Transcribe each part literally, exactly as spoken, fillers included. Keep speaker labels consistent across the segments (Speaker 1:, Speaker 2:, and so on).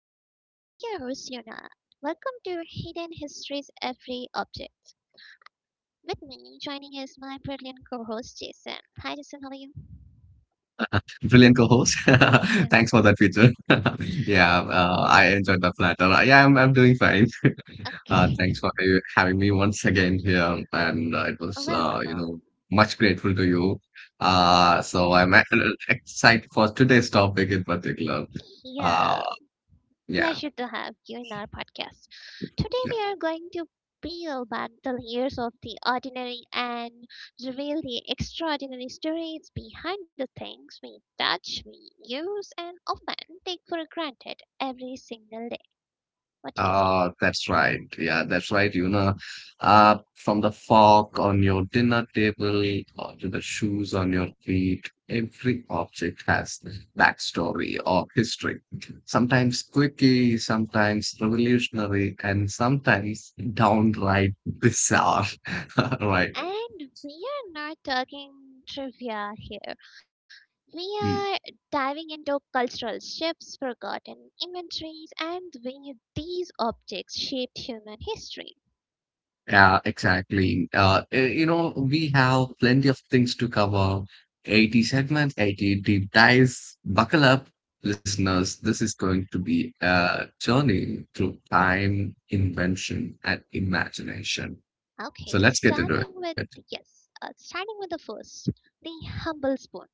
Speaker 1: To Hidden History's Every Object. With me joining is my brilliant co-host Jason. Hi Jason, how are you?
Speaker 2: Brilliant co-host. Thanks for
Speaker 1: Yeah,
Speaker 2: that feature. Yeah, uh, I enjoyed the flatter. Uh, Yeah, I'm I'm doing fine. Uh,
Speaker 1: okay,
Speaker 2: thanks for ha- having me once again here, and uh, it was uh, you
Speaker 1: welcome.
Speaker 2: know much grateful to you. Uh, so I'm uh, excited for today's topic in particular.
Speaker 1: Yeah,
Speaker 2: Uh, yeah.
Speaker 1: pleasure to have you in our podcast. Today,
Speaker 2: yeah.
Speaker 1: we are going to peel back the layers of the ordinary and reveal the extraordinary stories behind the things we touch, we use, and often take for granted every single day. What do you say?
Speaker 2: Ah, that's right. Yeah, that's right. You know, uh, from the fork on your dinner table or to the shoes on your feet, every object has backstory or history. Sometimes quirky, sometimes revolutionary, and sometimes downright bizarre. Right.
Speaker 1: And we are not talking trivia here. We are
Speaker 2: Hmm.
Speaker 1: diving into cultural shifts, forgotten inventories, and the way these objects shaped human history.
Speaker 2: Yeah, exactly. Uh, eh, you know, we have plenty of things to cover. eighty segments, eighty deep dives. Buckle up, listeners. This is going to be a journey through time, invention, and imagination.
Speaker 1: Okay,
Speaker 2: So let's get into
Speaker 1: starting
Speaker 2: it.
Speaker 1: with yes, uh, starting with the first, the humble spoon.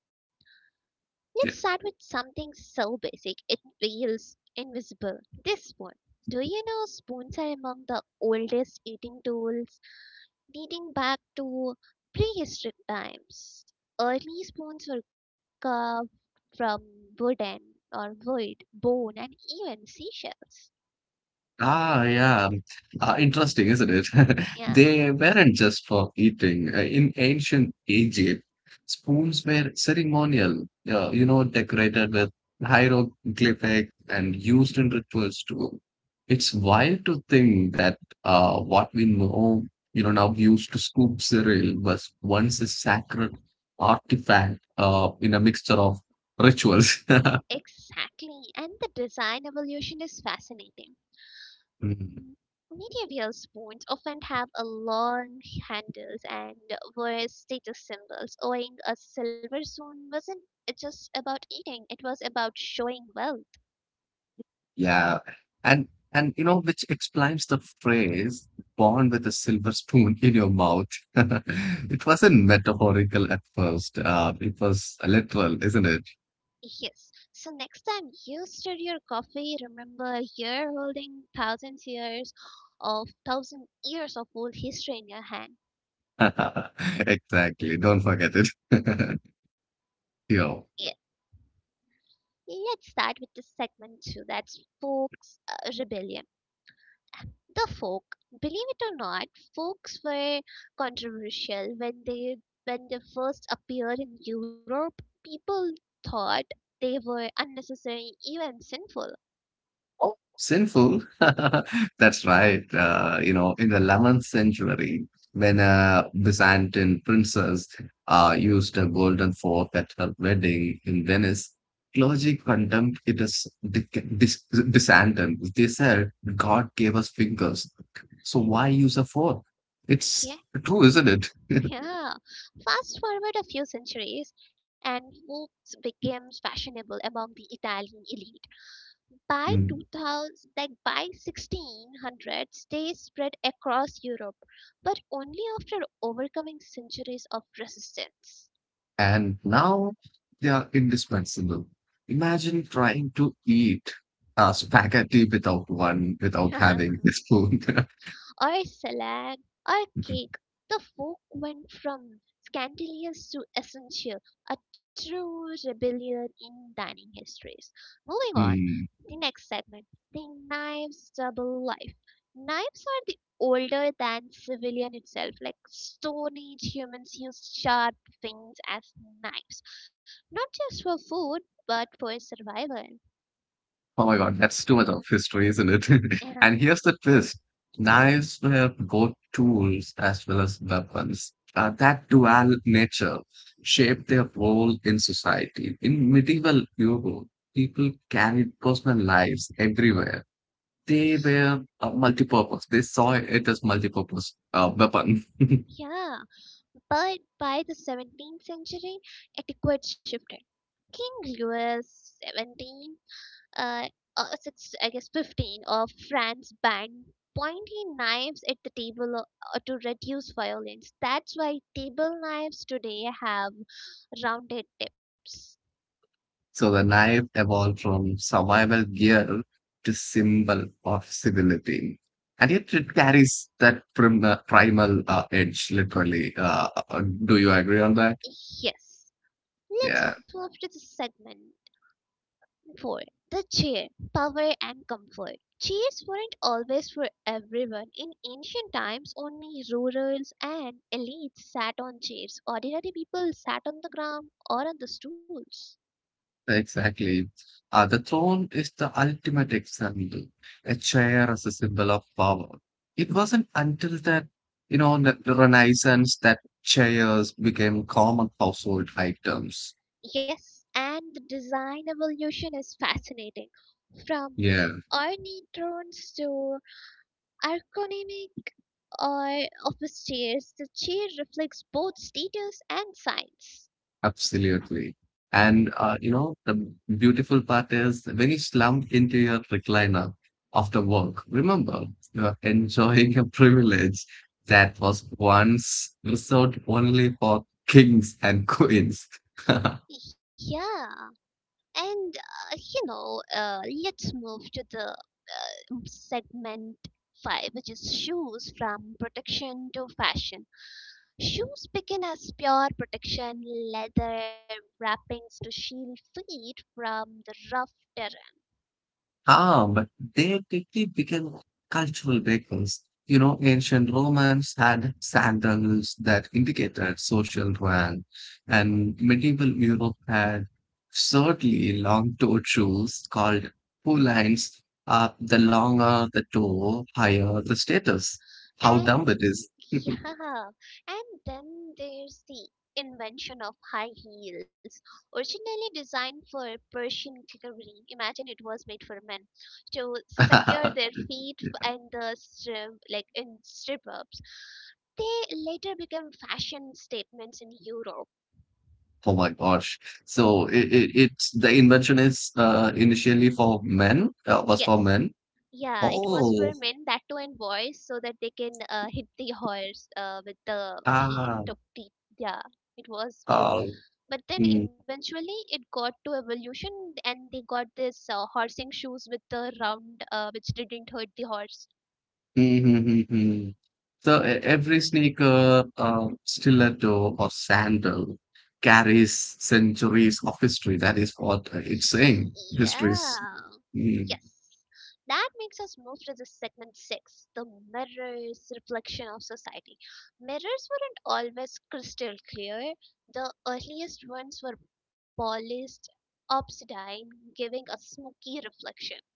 Speaker 2: Yeah.
Speaker 1: Let's start with something so basic it feels invisible. This spoon. Do you know spoons are among the oldest eating tools, dating back to prehistoric times? Early spoons were carved from wooden or wood, bone, and even seashells.
Speaker 2: Ah, yeah. Uh, interesting, isn't it?
Speaker 1: Yeah,
Speaker 2: They weren't just for eating. Uh, in ancient Egypt, spoons were ceremonial, uh, you know, decorated with hieroglyphic and used in rituals too. It's wild to think that uh, what we know, you know, now used to scoop cereal was once a sacred artifact uh, in a mixture of rituals.
Speaker 1: exactly. And the design evolution is fascinating.
Speaker 2: Mm.
Speaker 1: Medieval spoons often have a long handles and were status symbols, owing a silver spoon wasn't just about eating, it was about showing wealth.
Speaker 2: Yeah, and and you know, which explains the phrase "born with a silver spoon in your mouth." It wasn't metaphorical at first. Uh, it was literal, isn't it?
Speaker 1: Yes. So next time you stir your coffee, remember you're holding thousands years of thousand years of old history in your hand.
Speaker 2: Exactly. Don't forget it. Yeah.
Speaker 1: Yeah. Let's start with this segment two. That's folks uh, rebellion. The folk, believe it or not, folks were controversial when they when they first appeared in Europe. People thought they were unnecessary, even sinful.
Speaker 2: Oh, sinful. That's right. Uh, you know, in the eleventh century, when a Byzantine princess uh, used a golden fork at her wedding in Venice, clergy condemned it as dic- dis- dissentient. They said, God gave us fingers. So why use a fork?
Speaker 1: Yeah,
Speaker 2: It's true, isn't it?
Speaker 1: yeah. Fast forward a few centuries, and folks became fashionable among the Italian elite. By two thousand, like by sixteen hundreds, they spread across Europe, but only after overcoming centuries of resistance.
Speaker 2: And now they are indispensable. Imagine trying to eat uh, spaghetti without one, without having a spoon.
Speaker 1: Or salad or cake. The folk went from scandalous to essential, a true rebellion in dining histories. Moving on,
Speaker 2: Hmm.
Speaker 1: the next segment, the knife's double life. Knives are the older than civilian itself, like Stone Age humans used sharp things as knives, not just for food but for survival.
Speaker 2: Oh my God, that's too much of history, isn't it? And
Speaker 1: And
Speaker 2: here's the twist. Knives were both tools as well as weapons. Uh, that dual nature shaped their role in society. In medieval Europe, people carried personal lives everywhere. They were uh, multi-purpose. They saw it as multi-purpose uh, weapon.
Speaker 1: yeah. But by the seventeenth century, etiquette shifted. King Louis seventeen, uh, uh, six, I guess fifteen of France banned pointy knives at the table o- uh, to reduce violence. That's why table knives today have rounded tips.
Speaker 2: So the knife evolved from survival gear to symbol of civility. And yet it carries that prim- primal uh, edge, literally. Uh, uh, do you agree on that?
Speaker 1: Yes. Let's
Speaker 2: Yeah.
Speaker 1: move to the segment four. The chair, power and comfort. Chairs weren't always for everyone. In ancient times, only rurals and elites sat on chairs. Ordinary people sat on the ground or on the stools.
Speaker 2: Exactly. Uh, the throne is the ultimate example, a chair as a symbol of power. It wasn't until that, you know, the the Renaissance that chairs became common household items.
Speaker 1: Yes, and the design evolution is fascinating. From
Speaker 2: Yeah,
Speaker 1: ornate thrones to ergonomic or office chairs, the chair reflects both status and science.
Speaker 2: absolutely. And, uh, you know, the beautiful part is when you slump into your recliner after work, remember, you're enjoying a privilege that was once reserved only for kings and queens.
Speaker 1: Yeah. And uh, you know, uh, let's move to the uh, segment five, which is shoes from protection to fashion. Shoes begin as pure protection, leather wrappings to shield feet from the rough terrain.
Speaker 2: Ah, but they quickly became cultural vehicles. You know, ancient Romans had sandals that indicated social rank, and medieval Europe had certainly long-toed shoes called pollines. Uh, the longer the toe, higher the status. How
Speaker 1: And
Speaker 2: dumb it is.
Speaker 1: yeah, and then there's the invention of high heels, originally designed for Persian cavalry. Imagine it was made for men to secure their feet f- and the strip, like in stirrups. They later became fashion statements in Europe.
Speaker 2: Oh my gosh. So it, it, it's the invention is uh, initially for men, uh, was for
Speaker 1: Yes.
Speaker 2: men.
Speaker 1: Yeah, it was for
Speaker 2: Oh,
Speaker 1: men that too and boys so that they can uh, hit the horse uh, with the heel.
Speaker 2: Ah,
Speaker 1: To, the, yeah, it was you.
Speaker 2: tall.
Speaker 1: But then
Speaker 2: Mm,
Speaker 1: eventually it got to evolution and they got this uh, horsing shoes with the round uh, which didn't hurt the horse.
Speaker 2: mm, mm, mm, mm. So e- every sneaker, uh, stiletto, or sandal carries centuries of history. That is what it's saying.
Speaker 1: Yeah,
Speaker 2: Histories.
Speaker 1: yes,
Speaker 2: Mm.
Speaker 1: that makes us move to the segment six, the mirrors reflection of society. Mirrors weren't always crystal clear. The earliest ones were polished obsidian, giving a smoky reflection.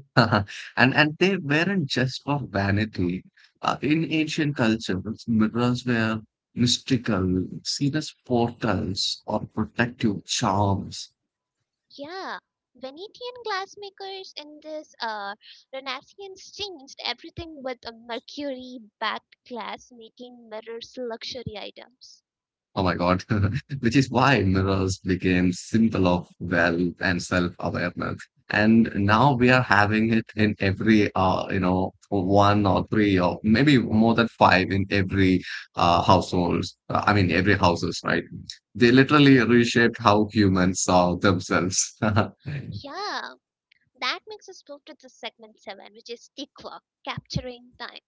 Speaker 2: And and they weren't just for vanity. Uh, in ancient cultures, mirrors were mystical, seen as portals or protective charms.
Speaker 1: Yeah, Venetian glassmakers in this uh, Renaissance changed everything with a mercury-backed glass, making mirrors luxury items.
Speaker 2: Oh my God. Which is why mirrors became symbol of wealth and self-awareness. And now we are having it in every, uh, you know, one or three or maybe more than five in every uh, households. Uh, I mean, every houses, right? They literally reshaped how humans saw themselves.
Speaker 1: Yeah, that makes us move to the segment seven, which is the clock, capturing time.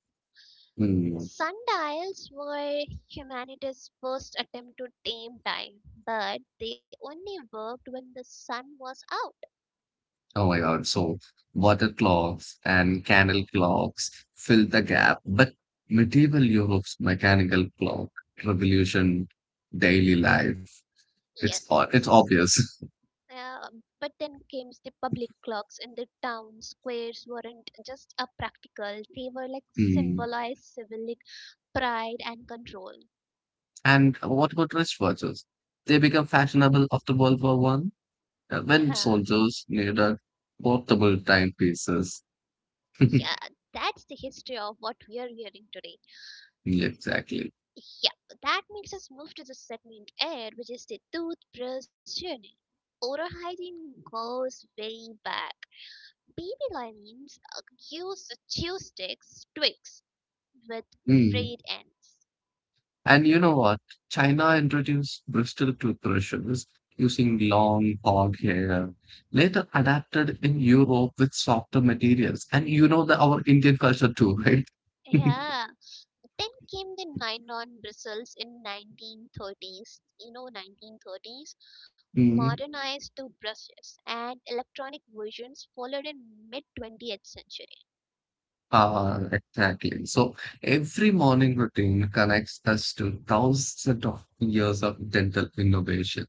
Speaker 2: Hmm.
Speaker 1: Sundials were humanity's first attempt to tame time, but they only worked when the sun was out.
Speaker 2: Oh my God. So water clocks and candle clocks fill the gap, but medieval Europe's mechanical clock revolution daily life. It's o- it's
Speaker 1: Yes.
Speaker 2: obvious.
Speaker 1: Uh, but then came the public clocks and the town squares weren't just a practical, they were like
Speaker 2: Hmm.
Speaker 1: symbolized civic pride and control.
Speaker 2: And what about wristwatches? They become fashionable after World War One uh,
Speaker 1: Yeah,
Speaker 2: when soldiers needed portable timepieces. Yeah.
Speaker 1: yeah, that's the history of what we are hearing today.
Speaker 2: Exactly.
Speaker 1: Yeah, that makes us move to the segment air, which is the toothbrush journey. Oral hygiene goes way back. Baby lions uh, used chew sticks, twigs, with
Speaker 2: Hmm.
Speaker 1: frayed ends.
Speaker 2: And you know what? China introduced bristle toothbrushes using long hog hair, later adapted in Europe with softer materials. And you know that our Indian culture too, right?
Speaker 1: Yeah, then came the nylon bristles in nineteen thirties, you know, nineteen thirties,
Speaker 2: Mm.
Speaker 1: modernized to brushes, and electronic versions followed in mid twentieth century.
Speaker 2: Ah, exactly. So every morning routine connects us to thousands of years of dental innovation.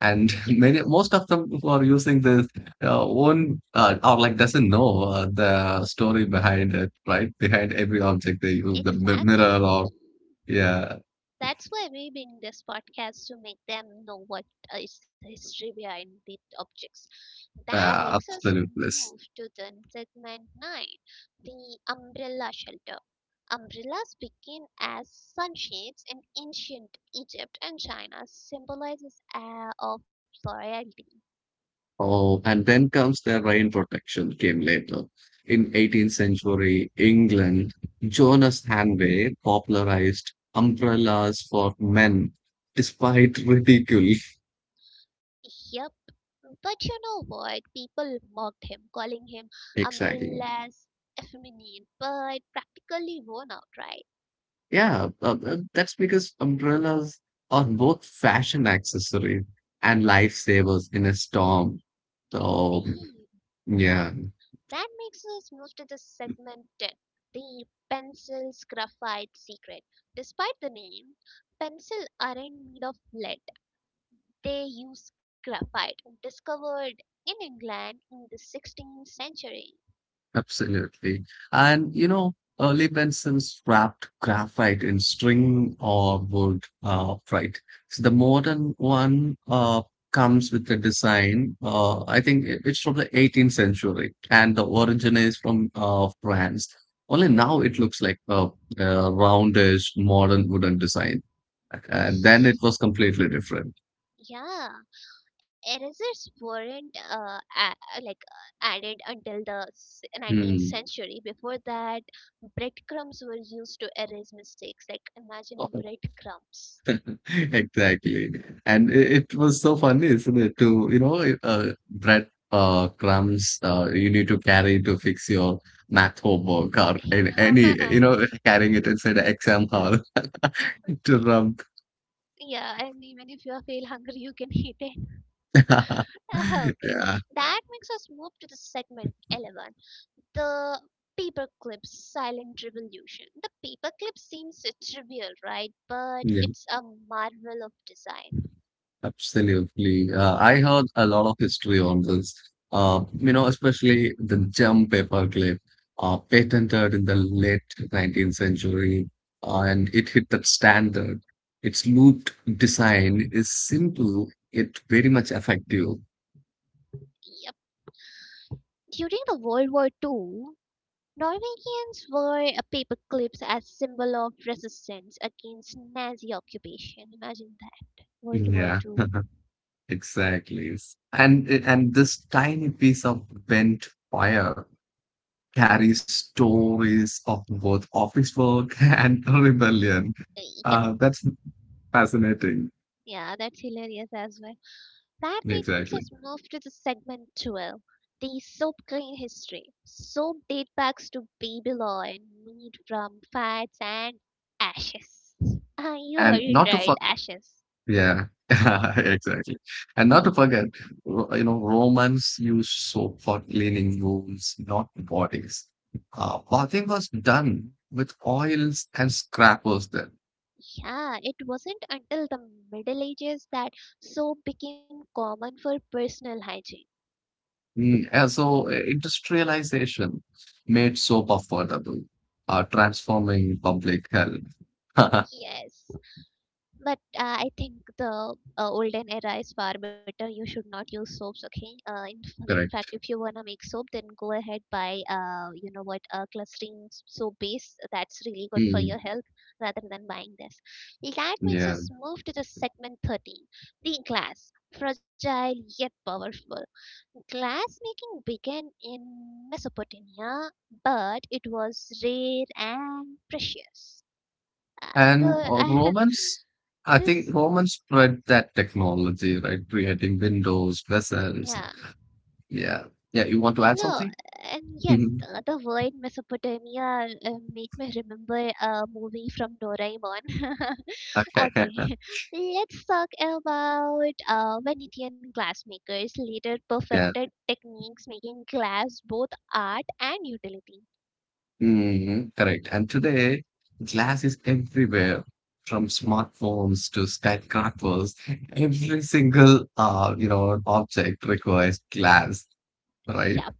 Speaker 2: And
Speaker 1: Yes,
Speaker 2: many most of them who are using this uh, own uh, or like doesn't know uh, the story behind it right behind every object they use the mi-
Speaker 1: exactly.
Speaker 2: mirror or yeah,
Speaker 1: That's why we bring this podcast to make them know what uh, is the history behind the objects. That
Speaker 2: uh,
Speaker 1: makes us
Speaker 2: absolute bliss.
Speaker 1: move to the segment nine, the umbrella shelter. Umbrellas begin as sunshades in ancient Egypt and China, symbolizes air of royalty.
Speaker 2: Oh, and then comes the rain protection came later in eighteenth century England. Jonas Hanway popularized umbrellas for men despite ridicule.
Speaker 1: Yep. But you know what? People mocked him, calling him
Speaker 2: Exactly.
Speaker 1: umbrellas effeminate, but practically worn out, right?
Speaker 2: Yeah, uh, uh, that's because umbrellas are both fashion accessories and lifesavers in a storm. So,
Speaker 1: Indeed.
Speaker 2: yeah.
Speaker 1: That makes us move to the segment ten, the pencil's graphite secret. Despite the name, pencils aren't made of lead. They use graphite, discovered in England in the sixteenth century.
Speaker 2: Absolutely. And you know, early pencils wrapped graphite in string or wood, uh, right? So the modern one uh, comes with the design. Uh, I think i- it's from the eighteenth century, and the origin is from uh, France. Only now it looks like a, a roundish modern wooden design, and then it was completely different.
Speaker 1: Yeah, erasers weren't uh, a- like added the s- nineteenth
Speaker 2: Hmm.
Speaker 1: century. Before that, breadcrumbs were used to erase mistakes. Like imagine breadcrumbs.
Speaker 2: Exactly. And it, it was so funny, isn't it? To, you know, it, uh, bread uh, crumbs uh, you need to carry to fix your math homework or any, any
Speaker 1: Yeah.
Speaker 2: you know, carrying it inside the exam hall to rub.
Speaker 1: Yeah, and even if you are feel hungry, you can eat it. Okay,
Speaker 2: Yeah.
Speaker 1: that makes us move to the segment eleven, the paperclip silent revolution. The paperclip seems trivial, right? But
Speaker 2: Yeah.
Speaker 1: it's a marvel of design.
Speaker 2: Absolutely. Uh, I heard a lot of history on this. Uh, you know, especially the gem paperclip, uh, patented in the late nineteenth century, uh, and it hit that standard. Its looped design is simple, yet very much effective.
Speaker 1: Yep. During the World War Two, Norwegians wore uh, paperclips as symbol of resistance against Nazi occupation. Imagine that. World War
Speaker 2: Yeah,
Speaker 1: Two.
Speaker 2: exactly. And and this tiny piece of bent wire carries stories of both office work and rebellion.
Speaker 1: Uh, Yep.
Speaker 2: Uh, that's fascinating.
Speaker 1: Yeah, that's hilarious as well. That makes us
Speaker 2: Exactly.
Speaker 1: move to the segment twelve, the soap grain history. Soap date back to Babylon, made from fats and ashes. Ah, you heard
Speaker 2: And
Speaker 1: it
Speaker 2: not to
Speaker 1: right,
Speaker 2: forget,
Speaker 1: ashes.
Speaker 2: yeah, exactly. And not to forget, Ro- you know, Romans used soap for cleaning wounds, not bodies. Uh, bathing was done with oils and scrapers then.
Speaker 1: Yeah, it wasn't until the Middle Ages that soap became common for personal hygiene.
Speaker 2: Mm, and so uh, industrialization made soap affordable, uh, transforming public health. Correct.
Speaker 1: Yes, but uh, I think the uh, olden era is far better. You should not use soaps, okay? Uh, in, f- in fact, if you wanna make soap, then go ahead buy uh, you know what, uh, clustering s- soap base. That's really good for
Speaker 2: Mm,
Speaker 1: your health rather than buying this. That makes
Speaker 2: yeah.
Speaker 1: us move to the segment thirteen, the glass, fragile yet powerful. Glass making began in Mesopotamia, but it was rare and precious. Uh,
Speaker 2: And
Speaker 1: the
Speaker 2: uh,
Speaker 1: I,
Speaker 2: Romans, I think
Speaker 1: this
Speaker 2: Romans spread that technology, right? Creating windows,
Speaker 1: Yeah,
Speaker 2: vessels. Yeah. Yeah. You want to
Speaker 1: you
Speaker 2: add
Speaker 1: know,
Speaker 2: something?
Speaker 1: and yes,
Speaker 2: Mhm.
Speaker 1: the, the word Mesopotamia uh, make me remember a movie from Doraemon.
Speaker 2: Okay.
Speaker 1: Okay, let's talk about uh, Venetian glassmakers later
Speaker 2: Yeah.
Speaker 1: perfected techniques making glass both art and utility.
Speaker 2: Mhm. Correct. And today, glass is everywhere, from smartphones to skyscrapers. Every single, uh, you know, object requires glass, right?
Speaker 1: Yep,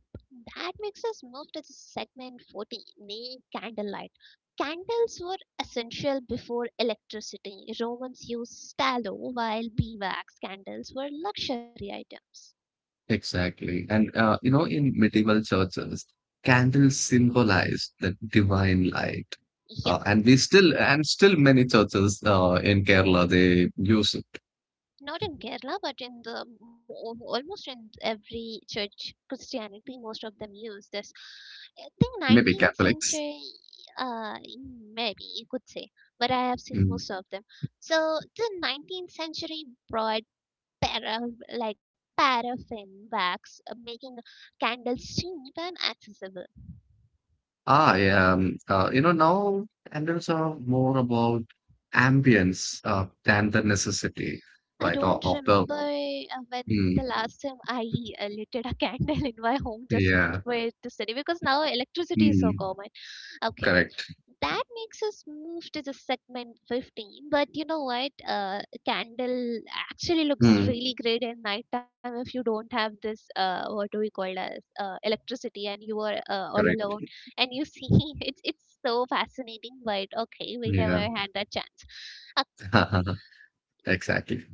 Speaker 1: that makes us move to the segment fourteen, named candlelight. Candles were essential before electricity. Romans used stalo, while beeswax candles were luxury items.
Speaker 2: Exactly. And, uh, you know, in medieval churches, candles symbolize the divine light.
Speaker 1: Yep,
Speaker 2: Uh, and we still, and still many churches uh, in Kerala, they use it,
Speaker 1: not in Kerala, but in the mo- almost in every church Christianity, most of them use this. I think
Speaker 2: maybe
Speaker 1: nineteenth
Speaker 2: Catholics.
Speaker 1: century, uh, maybe you could say, but I have seen
Speaker 2: Mm.
Speaker 1: most of them. So the nineteenth century brought para like paraffin wax, uh, making candles cheap and accessible.
Speaker 2: I am, uh, you know, now candles are more about ambience uh, than the necessity,
Speaker 1: I
Speaker 2: right?
Speaker 1: don't
Speaker 2: Of, of the,
Speaker 1: remember uh, when the
Speaker 2: mm,
Speaker 1: last time I uh, lit a candle in my home just
Speaker 2: yeah,
Speaker 1: for it to study because now electricity is so
Speaker 2: mm,
Speaker 1: common. Okay,
Speaker 2: correct,
Speaker 1: that makes us move to the segment fifteen. But you know what uh, candle actually looks
Speaker 2: mm,
Speaker 1: really great at nighttime if you don't have this uh, what do we call as uh, electricity and you are uh, all
Speaker 2: correct,
Speaker 1: alone and you see, it's it's so fascinating, but okay, we never
Speaker 2: yeah,
Speaker 1: had that chance.
Speaker 2: exactly.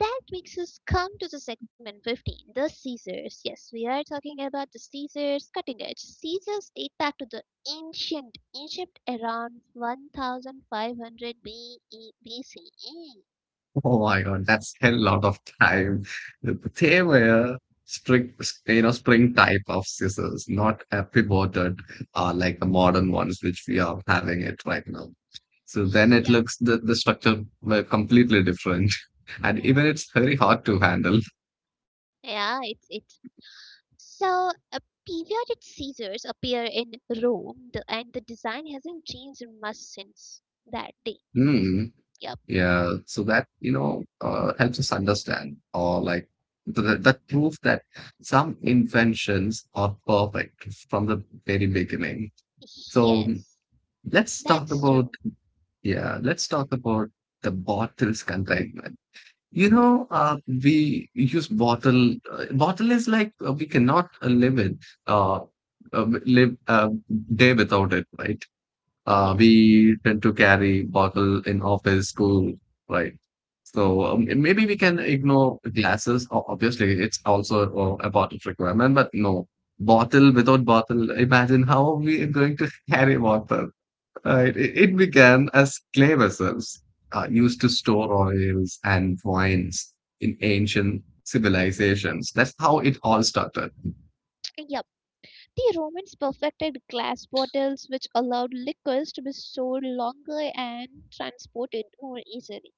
Speaker 1: That makes us come to the segment fifteen, the Caesars. Yes, we are talking about the Caesars cutting edge. Caesars date back to the ancient Egypt around fifteen hundred B E B C E.
Speaker 2: Oh my God, that's a lot of time. They were spring, you know, spring type of scissors, not a pivoted, uh, like the modern ones which we are having it right now. So then it
Speaker 1: Yep.
Speaker 2: looks the, the structure were completely different. And
Speaker 1: Yeah,
Speaker 2: even it's very hard to handle.
Speaker 1: Yeah, it's it. So, uh, periodic Caesars appear in Rome, the, and the design hasn't changed much since that day.
Speaker 2: Hmm.
Speaker 1: Yep.
Speaker 2: Yeah. So that, you know, uh, helps us understand or like th- that proof that some inventions are perfect from the very beginning. So
Speaker 1: Yes.
Speaker 2: let's talk
Speaker 1: That's
Speaker 2: about,
Speaker 1: true.
Speaker 2: yeah, let's talk about the bottle's containment. You
Speaker 1: Hmm.
Speaker 2: know, uh, we use bottle. Uh, bottle is like uh, we cannot uh, live with, uh, uh, w- live uh, day without it, right? Uh,
Speaker 1: Yes.
Speaker 2: we tend to carry bottle in office, school, right? So um, maybe we can ignore glasses. O- Obviously, it's also uh, a bottle requirement, but no bottle without bottle. Imagine how we are going to carry water. Right. It it began as clay vessels uh, used to store oils and wines in ancient civilizations. That's how it all started.
Speaker 1: Yep. The Romans perfected glass bottles, which allowed liquors to be stored longer and transported more easily.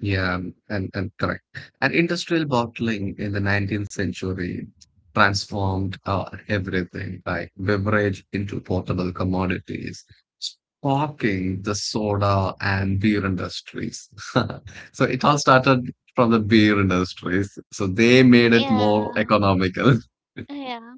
Speaker 2: Yeah, and, and correct. And industrial bottling in the nineteenth century transformed uh, everything, like beverage into portable commodities, sparking the soda and beer industries. So it all started from the beer industries. So they made it
Speaker 1: Yeah,
Speaker 2: more economical.
Speaker 1: yeah,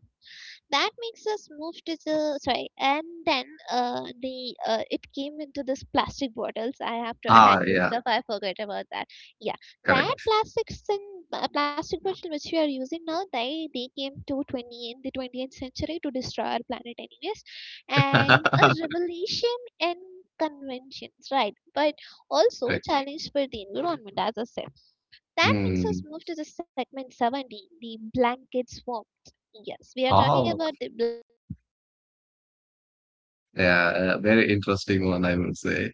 Speaker 1: that makes us move to the sorry and then uh, the uh, it came into this plastic bottles. I have to add
Speaker 2: Ah,
Speaker 1: this
Speaker 2: yeah,
Speaker 1: stuff, I forgot about that. Yeah, that
Speaker 2: correct.
Speaker 1: plastics and uh, plastic bottle which we are using now, they they came to twenty in the twentieth century to destroy our planet anyways, and a revelation and conventions, right? But also
Speaker 2: Correct.
Speaker 1: challenge for the environment, as I said. That makes us
Speaker 2: Hmm.
Speaker 1: move to the segment seventeen, the blanket blankets. Yes, we are talking
Speaker 2: Oh,
Speaker 1: about the blankets.
Speaker 2: yeah, uh, very interesting one, I would say.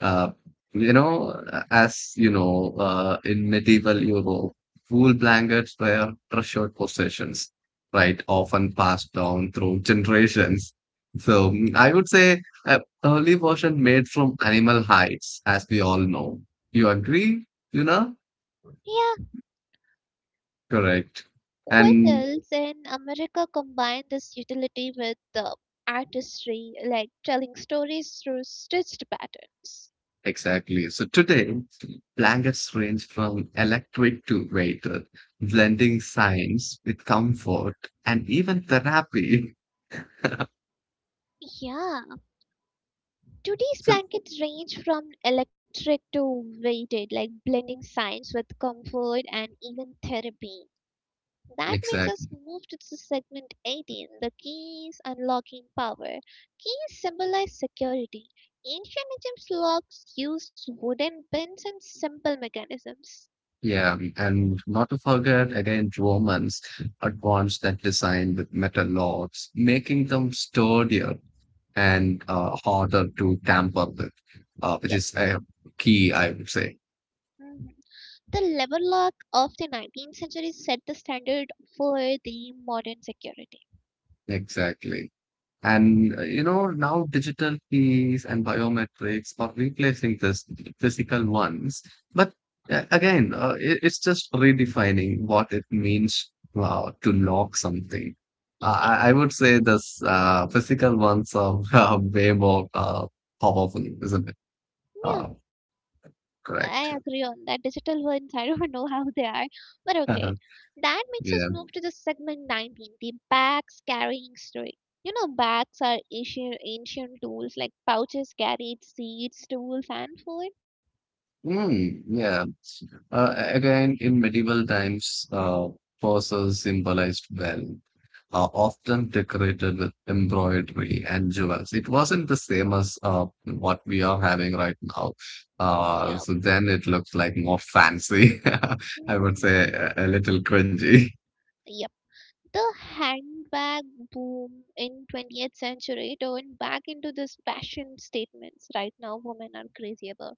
Speaker 2: Uh, you
Speaker 1: Imagine,
Speaker 2: know, as you know, uh, in medieval Europe, wool blankets were treasured possessions, right? Often passed down through generations. So mm, I would say uh, early version made from animal hides, as we all know. You agree, you know?
Speaker 1: yeah,
Speaker 2: Correct.
Speaker 1: what
Speaker 2: And
Speaker 1: else in America combined this utility with the artistry, like telling stories through stitched patterns?
Speaker 2: exactly. So today, blankets range from electric to weighted, blending science with comfort and even therapy.
Speaker 1: Yeah, today's
Speaker 2: So
Speaker 1: blankets range from electric to weighted, like blending science with comfort and even therapy. That makes us
Speaker 2: exactly.
Speaker 1: move to the segment eighteen, the keys unlocking power. Keys symbolize security. Ancient Egypt's locks used wooden pins and simple mechanisms.
Speaker 2: Yeah. And not to forget again, Romans advanced that design with metal rods, making them sturdier and uh, harder to tamper with, uh, which is
Speaker 1: Yes.
Speaker 2: a key, I would say.
Speaker 1: Mhm. The Leverlock of the nineteenth century set the standard for the modern security.
Speaker 2: Exactly. And uh, you know, now digital keys and biometrics are replacing this physical ones. But uh, again, uh, it, it's just redefining what it means uh, to lock something. Uh,
Speaker 1: Yes,
Speaker 2: I, I would say this uh, physical ones are uh, way more uh, powerful, isn't it?
Speaker 1: yeah.
Speaker 2: Uh,
Speaker 1: I
Speaker 2: Correct.
Speaker 1: agree on that. Digital ones, I don't know how they are, but okay. That makes us
Speaker 2: Yeah.
Speaker 1: move to the segment nineteen, the bags carrying story. You know, bags are ancient, ancient tools like pouches carried seeds, tools, and food.
Speaker 2: Mm, yeah. Uh, again, in medieval times, uh, purses symbolized wealth, uh, often decorated with embroidery and jewels. It wasn't the same as uh, what we are having right now.
Speaker 1: Yep.
Speaker 2: Uh, so then it looks like more fancy. I would say
Speaker 1: Hmm.
Speaker 2: a, a little cringy.
Speaker 1: Yep. The handbag boom in twentieth century turned back into this fashion statements right now women are crazy about.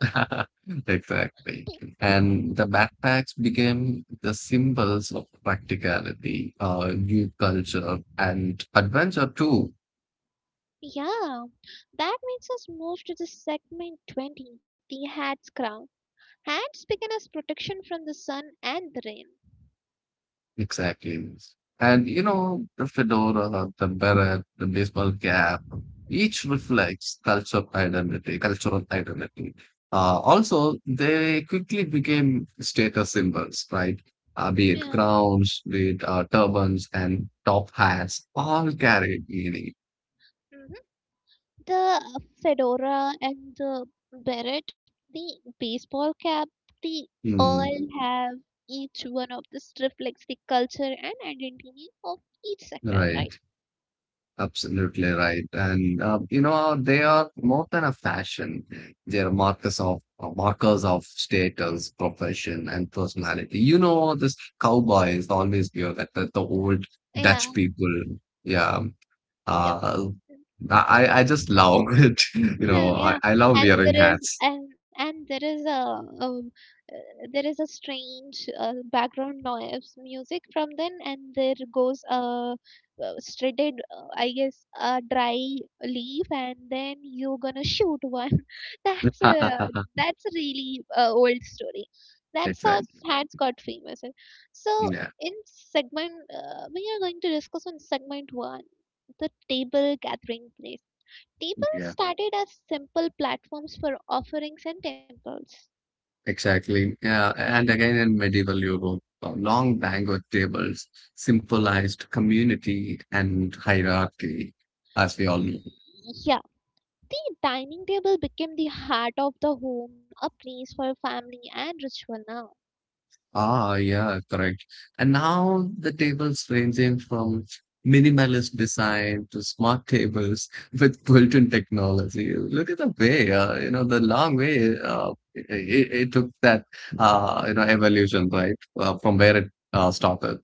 Speaker 2: Exactly. And the backpacks became the symbols of practicality, uh, new culture, and adventure too.
Speaker 1: Yeah, that makes us move to the segment twenty, the hat's crown. Hats began as protection from the sun and the rain.
Speaker 2: Exactly. And you know, the fedora, the beret, the baseball cap, each reflects culture identity, cultural identity. Uh, also, they quickly became status symbols, right? Uh, be it
Speaker 1: Yeah.
Speaker 2: crowns, be it uh, turbans, and top hats, all carried meaning.
Speaker 1: Mhm. The fedora and the beret, the baseball cap, the
Speaker 2: Hmm,
Speaker 1: all have each one of this reflects the culture and identity of each sector, right?
Speaker 2: right. Absolutely right. And uh, you know, they are more than a fashion. They are markers of uh, markers of status, profession, and personality. You know, this cowboy is always there. That, that the old
Speaker 1: Yeah,
Speaker 2: Dutch people. Yeah.
Speaker 1: yep.
Speaker 2: Uh, I I I just love it. You know, I,
Speaker 1: Yeah,
Speaker 2: I love
Speaker 1: and
Speaker 2: wearing
Speaker 1: there is
Speaker 2: hats.
Speaker 1: and and there is a, um, uh, there is a strange uh, background noise music from then, and there goes a uh, shredded, uh, I guess, a dry leaf, and then you're gonna shoot one. That's a that's a really uh, old story. That's how
Speaker 2: Exactly.
Speaker 1: hats got famous. And So
Speaker 2: Yeah.
Speaker 1: in segment, uh, we are going to discuss on segment one, the table gathering place. Tables
Speaker 2: Yeah.
Speaker 1: started as simple platforms for offerings and temples.
Speaker 2: Exactly. Yeah. And again, in medieval Europe, uh, long banquet tables symbolized community and hierarchy, as we all know.
Speaker 1: Yeah, the dining table became the heart of the home, a place for family and ritual now.
Speaker 2: Ah, yeah, correct. And now the tables ranging from minimalist design to smart tables with built-in technology. Look at the way, uh, you know, the long way uh, it, it it took that, uh, you know, evolution, right, uh, from where it uh, started.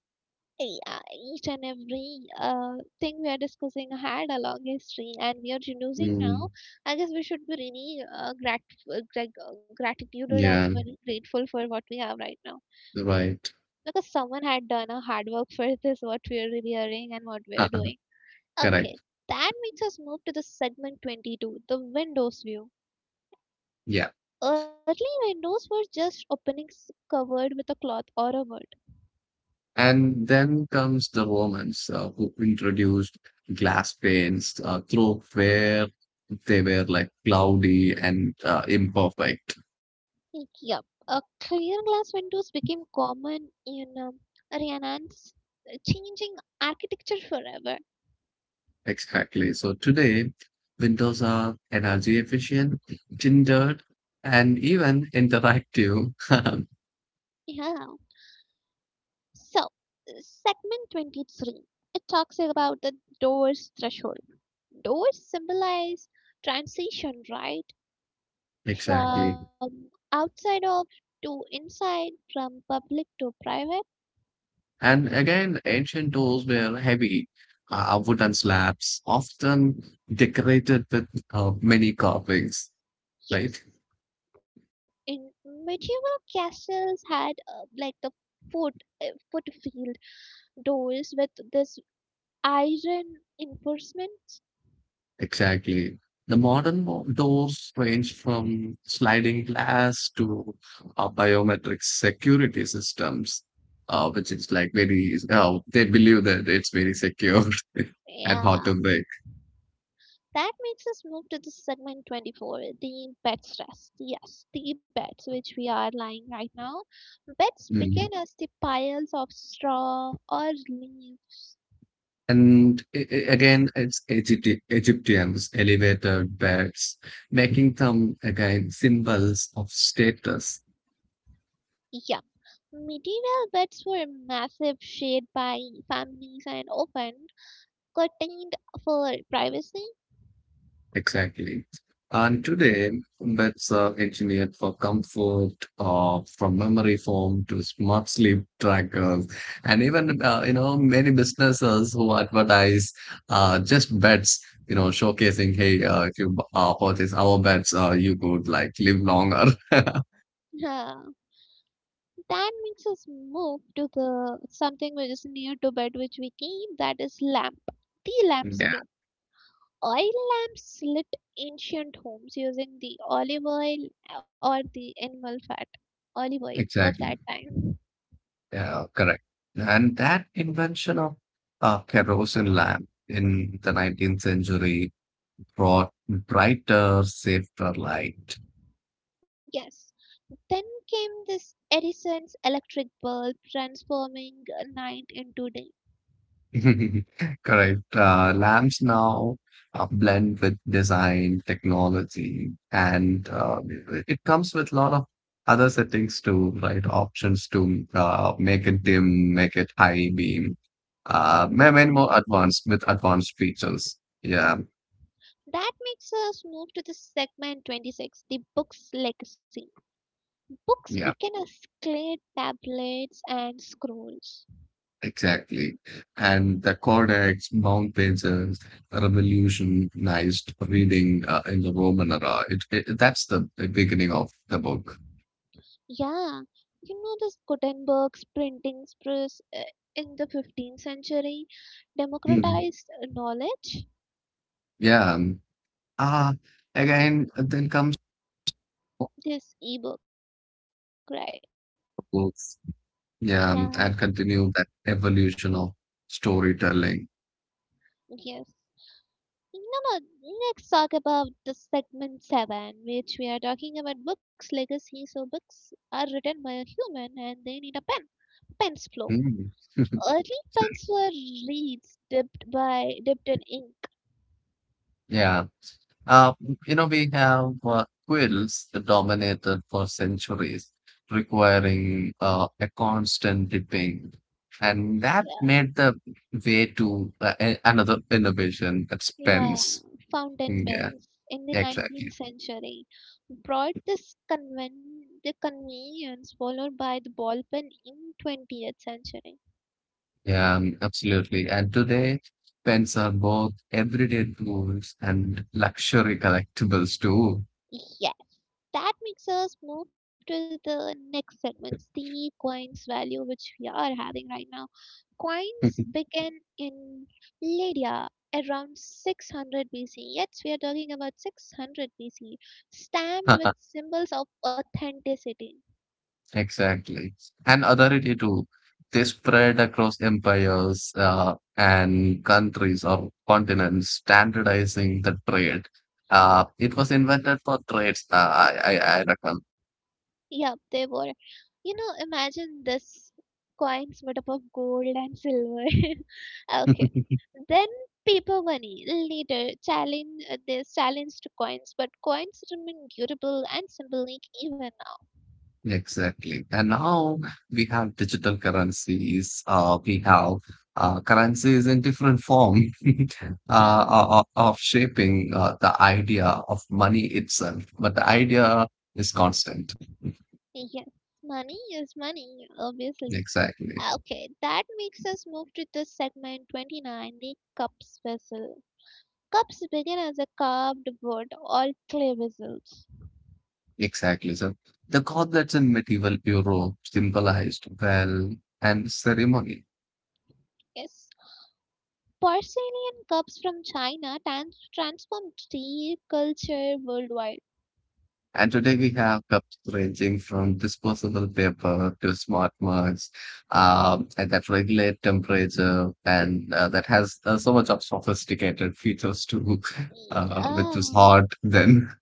Speaker 1: Yeah, each and every uh, thing we are discussing had a long history, and we are using
Speaker 2: Mm,
Speaker 1: now. I guess we should be really uh, grateful, like, uh, gratitude and
Speaker 2: yeah,
Speaker 1: very grateful for what we have right now
Speaker 2: right.
Speaker 1: because someone had done a hard work for this, what we are really hearing and what we are
Speaker 2: Uh,
Speaker 1: doing. Okay,
Speaker 2: correct.
Speaker 1: that makes us move to the segment twenty-two, the windows view.
Speaker 2: Yeah.
Speaker 1: Early windows were just openings covered with a cloth or a wood.
Speaker 2: And then comes the Romans uh, who introduced glass paints uh, through where they were like cloudy and uh, imperfect.
Speaker 1: Yep, uh, clear glass windows became common in um, Rhiannon's, changing architecture forever.
Speaker 2: Exactly. So today, windows are energy efficient, tinted, and even interactive.
Speaker 1: Yeah. So, segment twenty-three, it talks about the door's threshold. Doors symbolize transition, right?
Speaker 2: Exactly.
Speaker 1: From outside of to inside, from public to private,
Speaker 2: And again, ancient doors were heavy, uh, wooden slabs, often decorated with uh, many carvings,
Speaker 1: yes.
Speaker 2: right?
Speaker 1: In medieval castles had uh, like the foot uh, footfield doors with this iron enforcement.
Speaker 2: Exactly. The modern mo- doors range from sliding glass to uh, biometric security systems, uh, which is like very, oh, they believe that it's very secure and hard
Speaker 1: Yeah,
Speaker 2: to break.
Speaker 1: that makes us move to the segment twenty-four, the bed rest. Yes, the beds which we are lying right now. Beds begin
Speaker 2: Mhm.
Speaker 1: as the piles of straw or leaves.
Speaker 2: And i- i- again, it's Egypti Egyptians, elevator beds, making them again symbols of status.
Speaker 1: Yeah. Medieval beds were massive, shared by families and often curtained for privacy.
Speaker 2: Exactly. And today, beds are engineered for comfort, uh, from memory foam to smart sleep trackers, and even uh, you know many businesses who advertise uh, just beds, you know, showcasing, hey, uh, if you bu- uh, purchase our beds, uh, you could like live longer.
Speaker 1: Yeah, that makes us move to the something which is near to bed, which we came. That is lamp, the lamp's
Speaker 2: Yeah,
Speaker 1: glow. Oil lamps lit ancient homes using the olive oil or the animal fat, olive oil of that
Speaker 2: exactly.
Speaker 1: time.
Speaker 2: Yeah, correct. And that invention of uh, kerosene lamp in the nineteenth century brought brighter, safer light.
Speaker 1: Yes. Then came this Edison's electric bulb, transforming night into day.
Speaker 2: Correct. Uh, lamps now uh, blend with design, technology, and uh, it comes with a lot of other settings too, right? Options to uh, make it dim, make it high beam, uh, ma-
Speaker 1: Yep.
Speaker 2: many more advanced with advanced features. Yeah,
Speaker 1: That makes us move to the segment twenty-six, the book's legacy. Books
Speaker 2: yeah.
Speaker 1: began as clay tablets and scrolls.
Speaker 2: Exactly. And the codex, mountains, uh, revolutionized reading uh, in the Roman era. It, it, that's the the beginning of the book.
Speaker 1: Yeah, you know this Gutenberg's printing press uh, in the fifteenth century
Speaker 2: Mm,
Speaker 1: democratized knowledge.
Speaker 2: yeah. Ah, again, then comes more
Speaker 1: This ebook, right?
Speaker 2: books.
Speaker 1: Yeah,
Speaker 2: Yeah, and continue that evolution of storytelling.
Speaker 1: yes. No, no, let's talk about the segment seven, which we are talking about books' legacy. So, books are written by a human and they need a pen pen's flow.
Speaker 2: Mm.
Speaker 1: Early pens were reeds dipped by dipped in ink.
Speaker 2: Yeah. Uh, you know, we have uh, quills that dominated for centuries, requiring uh, a constant dipping. And that
Speaker 1: Yeah.
Speaker 2: made the way to uh, a- another innovation that's
Speaker 1: Yeah,
Speaker 2: pens.
Speaker 1: fountain
Speaker 2: Yeah,
Speaker 1: pens in the nineteenth
Speaker 2: exactly.
Speaker 1: century brought this conven- the convenience followed by the ball pen in twentieth century.
Speaker 2: Yeah, um, absolutely. And today, pens are both everyday tools and luxury collectibles too.
Speaker 1: Yeah, that makes us move to the next segment, the coins value which we are having right now. Coins
Speaker 2: Mhm.
Speaker 1: began in Lydia around six hundred B C. Yes, we are talking about six hundred B C, stamped with symbols of authenticity.
Speaker 2: Exactly. And authority too. They spread across empires uh, and countries or continents, standardizing the trade. Uh, it was invented for trades, uh, I, I, I reckon.
Speaker 1: Yep, they were. You know, imagine this coins made up of gold and silver. Okay. Then paper money later challenge uh, this challenge coins, but coins remain durable and symbolic even
Speaker 2: Exactly. And now we have digital currencies. Uh, we have uh, currencies in different form
Speaker 1: now. Now,
Speaker 2: uh, of, of shaping uh, the idea of money itself. But the idea is constant.
Speaker 1: yes, money is money, obviously.
Speaker 2: Exactly.
Speaker 1: Okay, that makes us move to the segment twenty-nine, the cups vessel. Cups begin as a carved wood or clay vessels.
Speaker 2: Exactly. So the goblets in medieval Europe symbolized well and ceremony.
Speaker 1: Yes, porcelain cups from China trans- transformed tea culture worldwide.
Speaker 2: And today we have cups ranging from disposable paper to smart mugs, um, and that regulate temperature, and uh, that has uh, so much of sophisticated features too, uh, which
Speaker 1: Yeah.
Speaker 2: was hard then.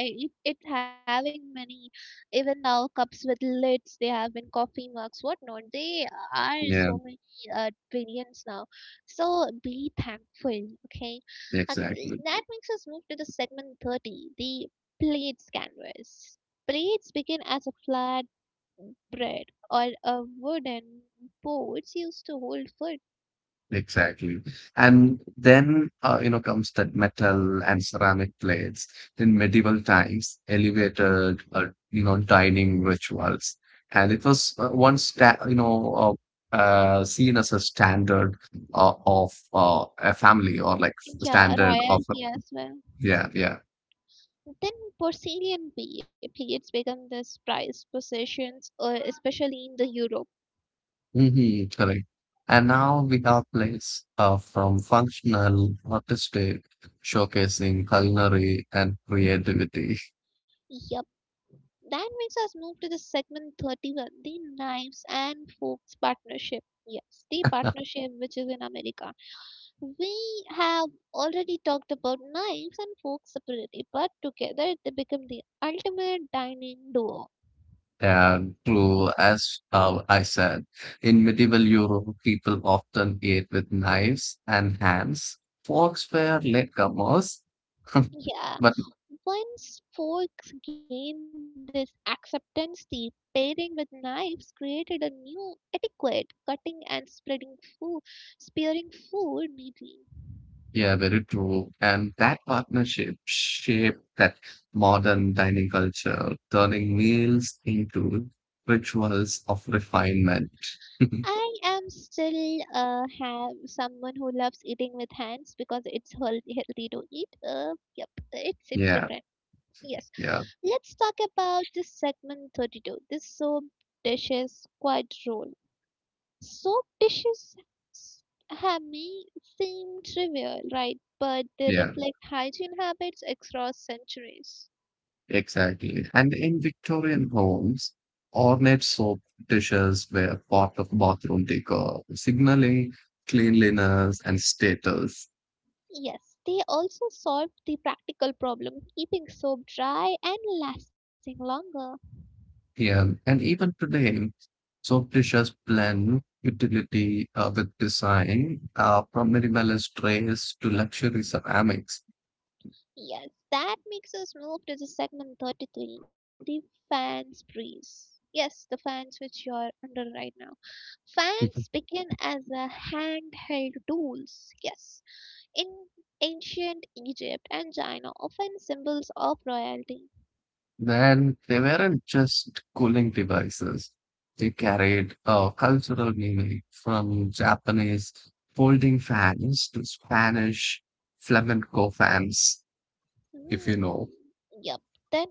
Speaker 1: Yeah, I- it, it having many even now cups with lids. They have been coffee mugs, whatnot. They so
Speaker 2: Yeah,
Speaker 1: many uh, variants now. So be thankful, okay? Uh,
Speaker 2: exactly.
Speaker 1: that makes us move to the segment thirty, the plates canvas. Plates begin as a flat bread or a wooden boards used to hold food.
Speaker 2: Exactly. And then, uh, you know, comes that metal and ceramic plates. In medieval times, elevated, uh, you know, dining rituals. And it was uh, once, sta- you know, uh, uh, seen as a standard uh, of uh, a family or like
Speaker 1: Yeah,
Speaker 2: standard of, a-
Speaker 1: royalty as well.
Speaker 2: yeah, yeah.
Speaker 1: Then porcelain be- plates become this prized possessions, uh, especially in the Europe.
Speaker 2: Hmm, correct. And now we have plates uh, from functional, artistic, showcasing culinary and creativity.
Speaker 1: Yep, that makes us move to the segment thirty-one, the knives and forks partnership. Yes, the partnership which is in America. We have already talked about knives and forks separately, but together they become the ultimate dining duo.
Speaker 2: Yeah, true. As uh, I said, in medieval Europe, people often ate with knives and hands. Forks were latecomers,
Speaker 1: Yeah,
Speaker 2: but
Speaker 1: once folks gained this acceptance, the pairing with knives created a new etiquette, cutting and spreading food, spearing food neatly.
Speaker 2: yeah, very true. And that partnership shaped that modern dining culture, turning meals into rituals of refinement.
Speaker 1: I am still uh, have someone who loves eating with hands because it's healthy, healthy to eat. Uh, yep, it's it's
Speaker 2: Yeah,
Speaker 1: different. Yes,
Speaker 2: yeah,
Speaker 1: let's talk about this segment thirty-two. This soap dishes quite role. Soap dishes have may seem trivial, right? But they
Speaker 2: yeah.
Speaker 1: reflect hygiene habits across centuries.
Speaker 2: Exactly. And in Victorian homes, ornate soap dishes were part of bathroom decor, signaling cleanliness and status.
Speaker 1: Yes, they also solved the practical problem, keeping soap dry and lasting longer.
Speaker 2: Yeah, and even today, soap dishes blend utility uh, with design, uh, from minimalist trays to luxury ceramics.
Speaker 1: Yes, that makes us move to the segment thirty-three, the fans breeze. Yes, the fans which you are under right now. Fans
Speaker 2: Mhm.
Speaker 1: begin as a handheld tools. Yes, in ancient Egypt and China, often symbols of royalty.
Speaker 2: Then they weren't just cooling devices. They carried a cultural meaning from Japanese folding fans to Spanish flamenco fans, if you know
Speaker 1: Hmm.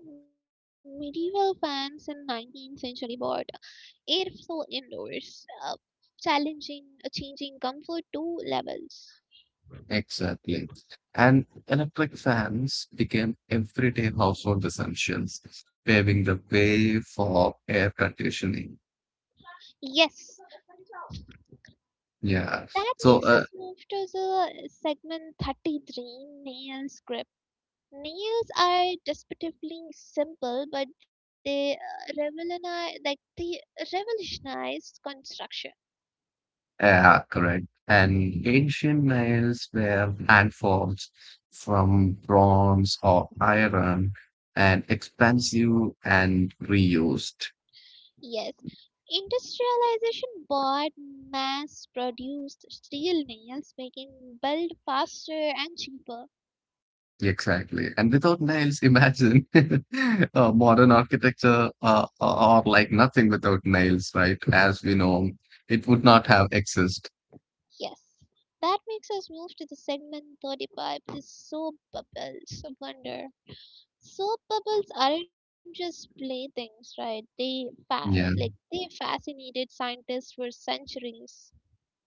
Speaker 1: Yep. Then medieval fans in nineteenth century bought airflow uh, challenging uh, changing comfort to levels.
Speaker 2: exactly. And electric fans became everyday household essentials, paving the way for air conditioning.
Speaker 1: Yes,
Speaker 2: Yeah.
Speaker 1: that
Speaker 2: So,
Speaker 1: makes
Speaker 2: uh,
Speaker 1: us move to the segment thirty-three nail script. Nails are deceptively simple, but they uh, revolutionize, like they revolutionized construction.
Speaker 2: yeah, correct. And ancient nails were hand forms from bronze or iron and expensive and reused.
Speaker 1: Yes, industrialization bought mass-produced steel nails, making build faster and cheaper.
Speaker 2: Exactly. And without nails, imagine uh, modern architecture uh, or like nothing without nails, right? As we know, it would not have exist.
Speaker 1: Yes, that makes us move to the segment thirty-five, the soap bubbles of wonder. Soap bubbles aren't just playthings, right? They fa- like
Speaker 2: Yeah,
Speaker 1: they fascinated scientists for centuries.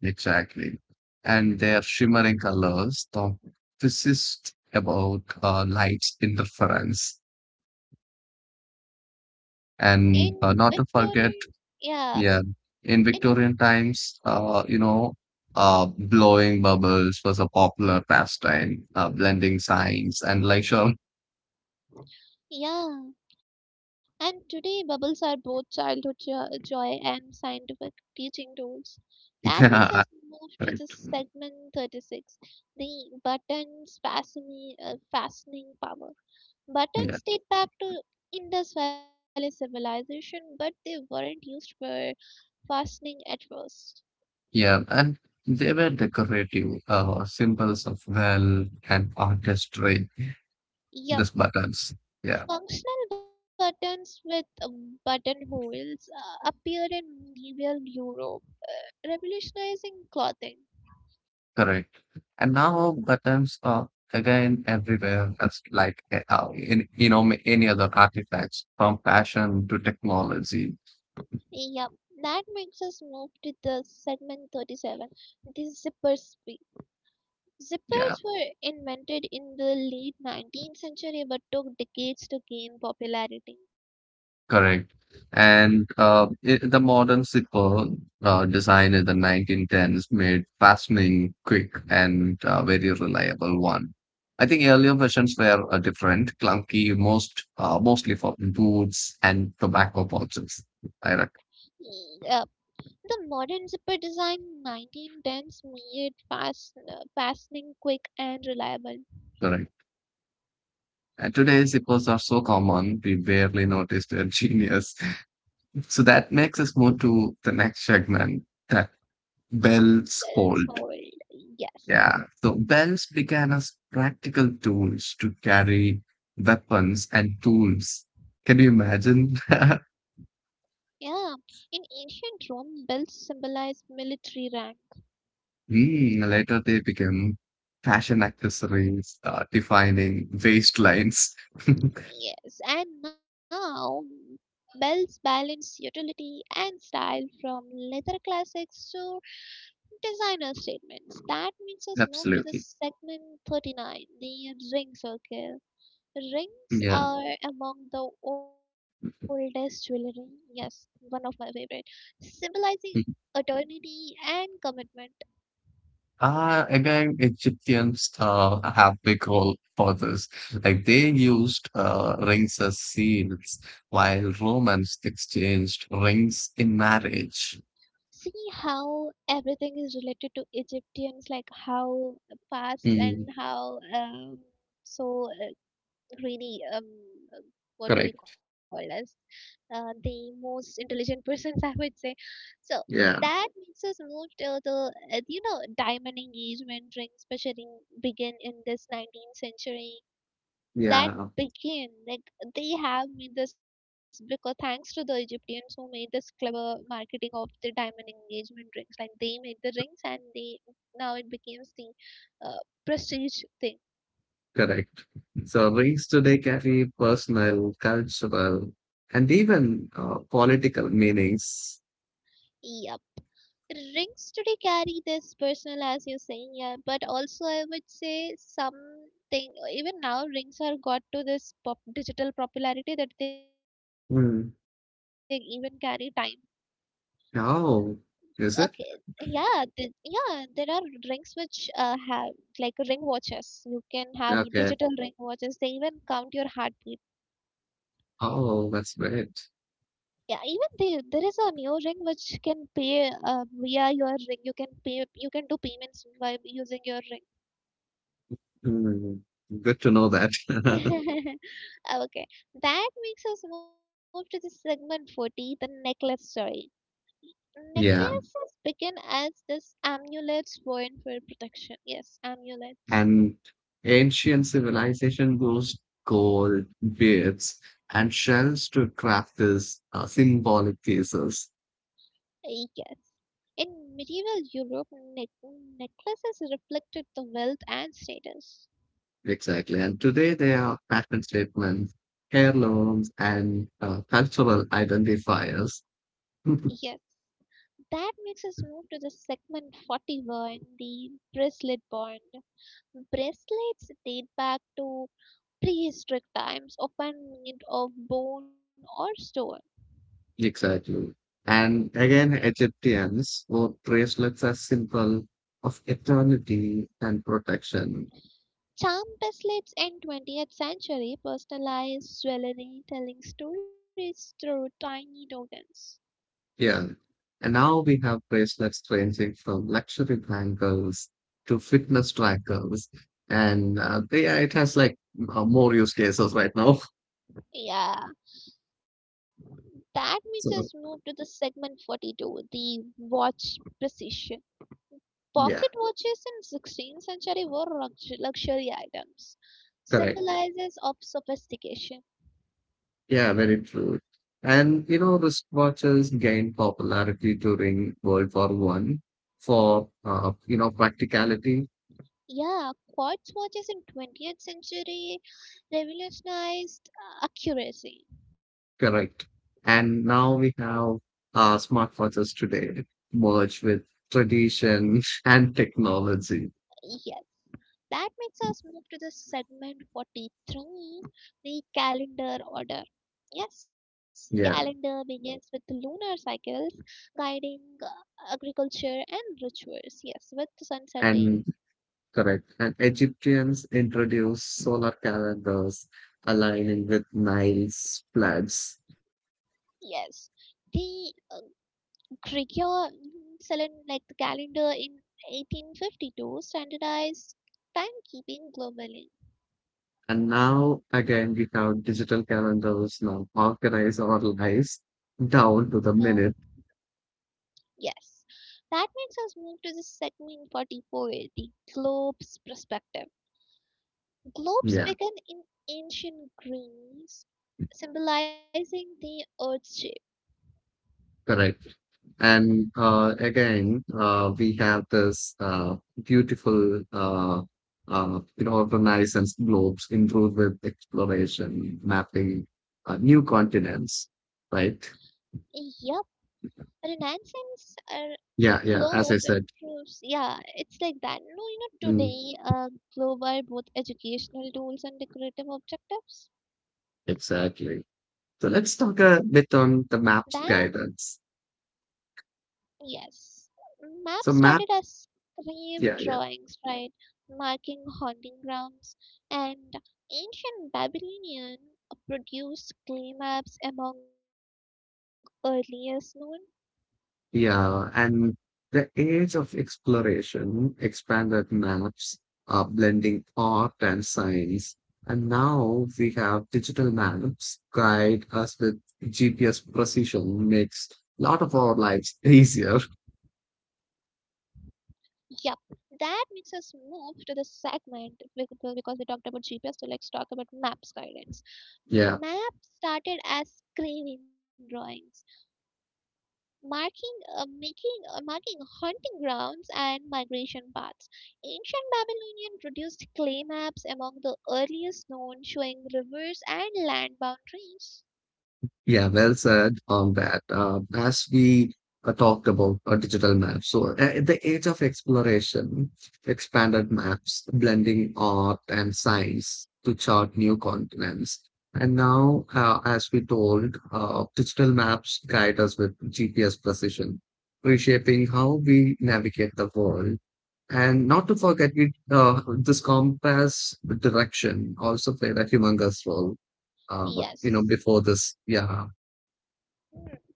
Speaker 2: exactly. And their shimmering colors, the physicist about uh, lights interference.
Speaker 1: Yep,
Speaker 2: And uh,
Speaker 1: in
Speaker 2: not to forget,
Speaker 1: Victorian, yeah,
Speaker 2: yeah, in
Speaker 1: in.
Speaker 2: Victorian times, uh, you know, uh, blowing bubbles was a popular pastime, uh, blending signs and like sure.
Speaker 1: Yeah, and today bubbles are both childhood jo- joy and scientific teaching tools. That makes us
Speaker 2: Yeah,
Speaker 1: move to the
Speaker 2: right.
Speaker 1: segment thirty-six, the buttons fascini- uh, fastening power.
Speaker 2: Yeah,
Speaker 1: Buttons date back to Indus Valley civilization, but they weren't used for fastening at first.
Speaker 2: yeah, and they were decorative, uh, symbols of wealth and artistry.
Speaker 1: Yup.
Speaker 2: These buttons, yeah,
Speaker 1: Functional buttons with um, buttonholes uh, appeared in medieval Europe, revolutionizing clothing.
Speaker 2: correct. And now buttons are again everywhere as like uh, in you know ma- any other artifacts from fashion to technology.
Speaker 1: Yep, that makes us move to the segment thirty-seven. The zipper speak.
Speaker 2: Yeah,
Speaker 1: Zippers were invented in the late nineteenth century but took decades to gain popularity.
Speaker 2: correct. And uh, I the modern zipper uh, design in the nineteen tens made fastening quick and uh, very reliable one. I think earlier versions were uh, different, clunky, most uh, mostly for boots and tobacco pouches. I rec-
Speaker 1: Yep. The modern zipper design nineteen tens made fast, fastening quick and reliable.
Speaker 2: correct. And today zippers are so common, we barely notice their genius. So that makes us move to the next segment, that belts
Speaker 1: Bells
Speaker 2: hold.
Speaker 1: hold, yes.
Speaker 2: Yeah. So bells began as practical tools to carry weapons and tools. Can you imagine?
Speaker 1: Yeah, in ancient Rome, bells symbolized military rank.
Speaker 2: Hmm, later they became fashion accessories, uh, defining waistlines.
Speaker 1: Yes, and now Bell's balance utility and style from leather classics to designer statements. That makes us move to the
Speaker 2: Absolutely.
Speaker 1: segment thirty-nine, the ring circle. Rings
Speaker 2: Yeah.
Speaker 1: are among the oldest jewelry, yes, one of my favorite, symbolizing
Speaker 2: Mhm.
Speaker 1: eternity and commitment.
Speaker 2: Uh, again, Egyptians uh, have big role for this. Like they used uh, rings as seals, while Romans exchanged rings in marriage.
Speaker 1: See how everything is related to Egyptians, like how past and
Speaker 2: Mm,
Speaker 1: how um, so uh, really um uh, what do we call
Speaker 2: correct.
Speaker 1: us uh, the most intelligent persons I would say so
Speaker 2: Yeah.
Speaker 1: that makes us move to the uh, you know diamond engagement ring especially begin in this nineteenth century that
Speaker 2: Yeah,
Speaker 1: began like they have made this because thanks to the Egyptians who made this clever marketing of the diamond engagement rings, like they made the rings and they now it becomes the uh, prestige thing.
Speaker 2: correct. So rings today carry personal, cultural, and even uh, political meanings.
Speaker 1: Yeah, rings today carry this personal as you're saying, yeah, but also I would say something, even now rings are got to this pop- digital popularity that they even carry time.
Speaker 2: Hmm.
Speaker 1: Okay,
Speaker 2: Oh, is
Speaker 1: yeah,
Speaker 2: it?
Speaker 1: th- yeah there are rings which uh, have like ring watches, you can have digital
Speaker 2: Okay.
Speaker 1: ring watches, they even count your heartbeat.
Speaker 2: Oh, that's great.
Speaker 1: Yeah, even they there is a new ring which can pay uh, via your ring, you can pay, you can do payments by using your ring.
Speaker 2: Hmm. Good to know that.
Speaker 1: Okay, that makes us move to the segment forty, the necklace story.
Speaker 2: Yeah.
Speaker 1: Necklaces begin as this amulets worn for protection. Yes, amulets.
Speaker 2: And ancient civilization used gold, beads, and shells to craft these uh, symbolic pieces.
Speaker 1: Yes. In medieval Europe, ne- necklaces reflected the wealth and status.
Speaker 2: Exactly. And today they are pattern statements, heirlooms, and uh, cultural identifiers.
Speaker 1: Yes. That makes us move to the segment forty-one, the bracelet bond. Bracelets date back to prehistoric times, often made of bone or stone.
Speaker 2: Exactly. And again, Egyptians wore bracelets as symbol of eternity and protection.
Speaker 1: Charm bracelets in twentieth century personalized jewelry telling stories through tiny tokens.
Speaker 2: Yeah. And now we have bracelets ranging from luxury bangles to fitness trackers. And uh, they, yeah, it has like uh, more use cases right now.
Speaker 1: Yeah, that makes us move to
Speaker 2: So,
Speaker 1: the segment forty-two, the watch precision. Pocket
Speaker 2: yeah,
Speaker 1: watches in sixteenth century were lux- luxury items,
Speaker 2: correct.
Speaker 1: symbolizes of sophistication.
Speaker 2: Yeah, very true. And you know, wristwatches gained popularity during World War One for uh, you know practicality,
Speaker 1: Yeah, quartz watches in twentieth century revolutionized uh, accuracy.
Speaker 2: correct. And now we have uh, smartwatches today merge with tradition and technology.
Speaker 1: Yes. That makes us move to the segment forty-three, the calendar order. Yes, calendar
Speaker 2: Yeah.
Speaker 1: begins with the lunar cycles, guiding uh, agriculture and rituals. Yes, with the sun setting.
Speaker 2: And correct. And Egyptians introduced solar calendars aligning with Nile's floods.
Speaker 1: Yes, the uh, Gregor Selen, like the calendar in eighteen fifty-two standardized timekeeping globally.
Speaker 2: And now again, we have digital calendars now organize our lives
Speaker 1: Yeah.
Speaker 2: down to the minute.
Speaker 1: Yes, that makes us move to the segment forty-four, the globe's perspective. Globes
Speaker 2: Yeah,
Speaker 1: began in ancient Greece, symbolizing the Earth's shape.
Speaker 2: correct. And uh, again, uh, we have this uh, beautiful, uh, uh, you know, Renaissance globes improved with exploration, mapping uh, new continents, right?
Speaker 1: Yep, Renaissance uh,
Speaker 2: Yeah, yeah. As
Speaker 1: globe
Speaker 2: I said.
Speaker 1: improves. Yeah, it's like that. No, you know,
Speaker 2: Mm,
Speaker 1: today, uh, globe are both educational tools and decorative objectives.
Speaker 2: exactly. So let's talk
Speaker 1: That.
Speaker 2: a bit on the map's guidance.
Speaker 1: Yes. Maps started
Speaker 2: So
Speaker 1: as
Speaker 2: map,
Speaker 1: cave
Speaker 2: yeah,
Speaker 1: drawings,
Speaker 2: yeah,
Speaker 1: right? Marking hunting grounds and ancient Babylonian produced clay maps among earliest known.
Speaker 2: yeah. And the age of exploration expanded maps, uh, blending art and science. And now we have digital maps guide us with G P S precision, makes a lot of our lives easier.
Speaker 1: Yep. That makes us move to the segment bec- be- because we talked about G P S, so let's talk about maps guidance.
Speaker 2: Yeah.
Speaker 1: Maps started as craving drawings, marking uh, making uh, marking hunting grounds and migration paths. Ancient Babylonian produced clay maps among the earliest known showing rivers and land boundaries.
Speaker 2: Yeah, well said on that. Uh, as we uh, talked about uh, digital maps, so uh, at the age of exploration expanded maps, blending art and science to chart new continents. And now, uh, as we told, uh, digital maps guide us with G P S precision, reshaping how we navigate the world. And not to forget, we, uh, this compass direction also played a humongous role. Uh, you know,
Speaker 1: Yes.
Speaker 2: before this, yeah.
Speaker 1: Hmm.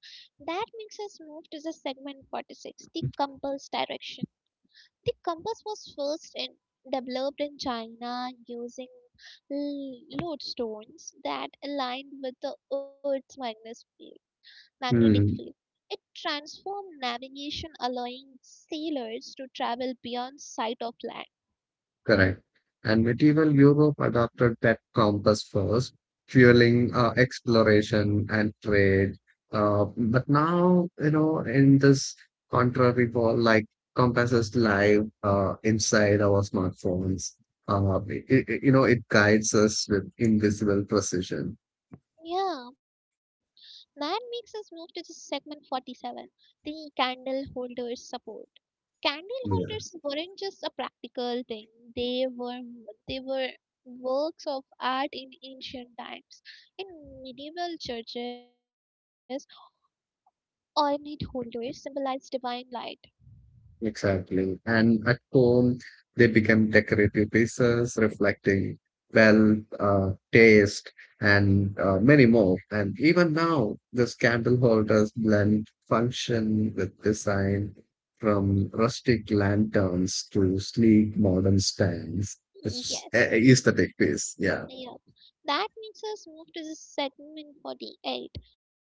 Speaker 1: That makes us move to the segment forty-six, the compass direction. The compass was first in, developed in China using l- lodestones that aligned with the Earth's magnetic field. Magnetic field.
Speaker 2: Hmm,
Speaker 1: It transformed navigation, allowing sailors to travel beyond sight of land.
Speaker 2: correct. And medieval Europe adopted that compass first, fueling uh, exploration and trade. Uh, but now, you know, in this contrary world, like compasses live uh, inside our smartphones. Uh, i i- i- you know, it guides us with invisible precision.
Speaker 1: Yeah, that makes us move to the segment forty-seven, the candle holders support. Candle holders weren't just a practical thing; they were they were works of art in ancient times. In medieval churches, ornate holders symbolized divine light.
Speaker 2: Exactly. And at home, they become decorative pieces reflecting wealth, uh, taste, and uh, many more. And even now, these candle holders blend function with design from rustic lanterns to sleek modern stands. It's a-
Speaker 1: Yes,
Speaker 2: a aesthetic piece. Yeah.
Speaker 1: yeah, that makes us move to the segment forty-eight.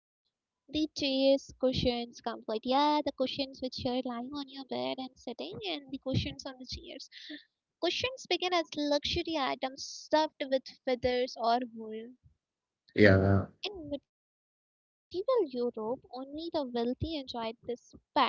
Speaker 1: The chairs, cushions, comfort. Yeah, the cushions which you're lying on your bed and sitting, and the cushions on the chairs. Cushions began as luxury items stuffed with feathers or wool.
Speaker 2: Yeah.
Speaker 1: In medieval Europe, only the wealthy enjoyed this padded seating.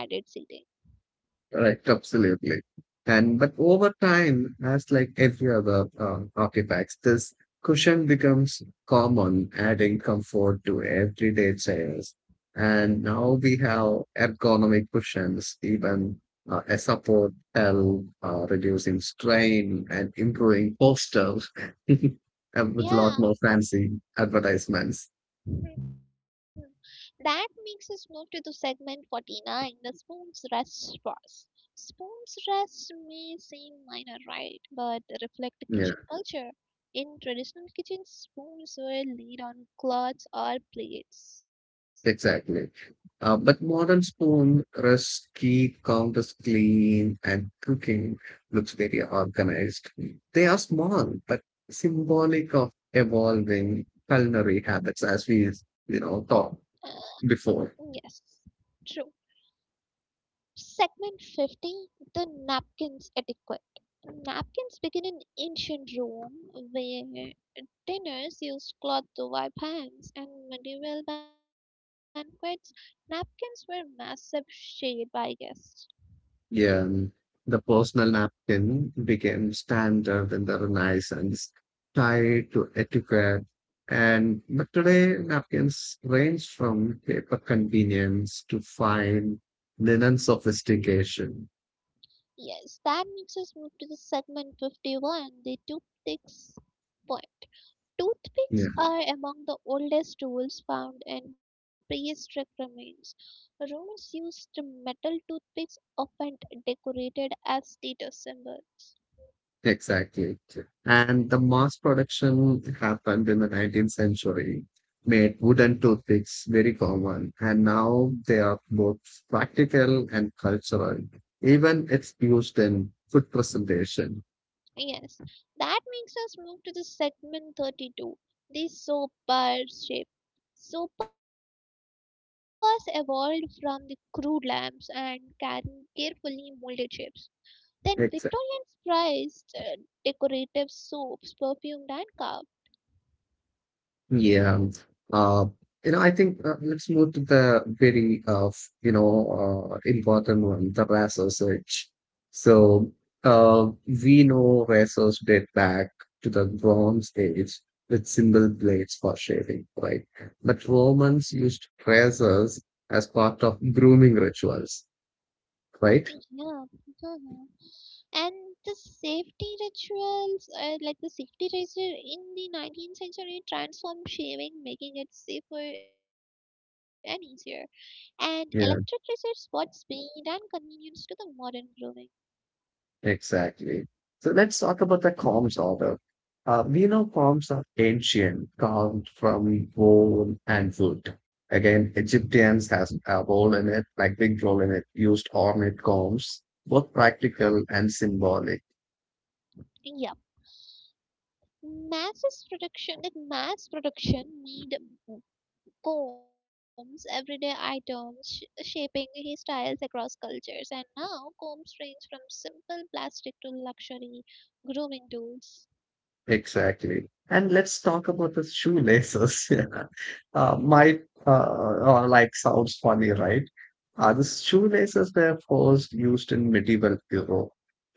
Speaker 2: Right, absolutely. And but over time, as like every other um, artifacts, this cushion becomes common, adding comfort to everyday chairs. And now we have ergonomic cushions, even uh, a support L, uh, reducing strain and improving posture, and with a lot
Speaker 1: Yeah,
Speaker 2: more fancy advertisements.
Speaker 1: mhm. That makes us move to the segment forty-nine, the spoon's rest pause. Spoon's rest may seem minor, right? But reflect the
Speaker 2: Yeah.
Speaker 1: kitchen culture. In traditional kitchens, spoons were laid on cloths or plates.
Speaker 2: Exactly. Uh, but modern spoon rests keep counters clean and cooking looks very organized. They are small but symbolic of evolving culinary habits as we you know talked
Speaker 1: Yes,
Speaker 2: before.
Speaker 1: true. Segment fifty, the Napkins Etiquette. Napkins begin in ancient Rome, where dinners used cloth to wipe hands, and medieval banquets, napkins were massive shared by guests.
Speaker 2: Yeah, and the personal napkin became standard in the Renaissance, tied to etiquette. And but today, napkins range from paper convenience to fine linen sophistication.
Speaker 1: Yes, that makes us move to the segment fifty-one, the Toothpicks Point. Toothpicks
Speaker 2: Yeah.
Speaker 1: are among the oldest tools found in prehistoric remains. Romans used metal toothpicks, often decorated as status symbols.
Speaker 2: Exactly. And the mass production happened in the nineteenth century, made wooden toothpicks very common, and now they are both practical and cultural. Even it's used in food presentation.
Speaker 1: Yes, that makes us move to the segment thirty-two, the soapbar shape. Soapers evolved from the crude lamps and can carefully molded shapes. Then
Speaker 2: Exactly.
Speaker 1: Victorians prized uh, decorative soaps, perfumed and carved.
Speaker 2: Yeah. Uh, you know, I think uh, let's move to the very, uh, f- you know, uh, important one, the R A S search. So, uh, we know razors date back to the Bronze Age with simple blades for shaving, right? But Romans used razors as part of grooming rituals, right?
Speaker 1: Yeah, mhm. And the safety rituals, uh, like the safety ritual in the nineteenth century, transformed shaving, making it safer and easier. And electric razors brought speed and convenience to the modern grooming.
Speaker 2: Exactly. So let's talk about the Combs order. Uh, we know Combs are ancient, carved from bone and wood. Again, Egyptians has a role in it, like big role in it, used ornate combs, both practical and symbolic.
Speaker 1: Yeah, mass production, like mass production, made Combs' everyday items sh- shaping his styles across cultures, and now combs range from simple plastic to luxury grooming tools.
Speaker 2: Exactly. And let's talk about the shoelaces. Yeah. Uh, might uh, uh, Like sounds funny, right? Uh, the shoelaces were first used in medieval Europe,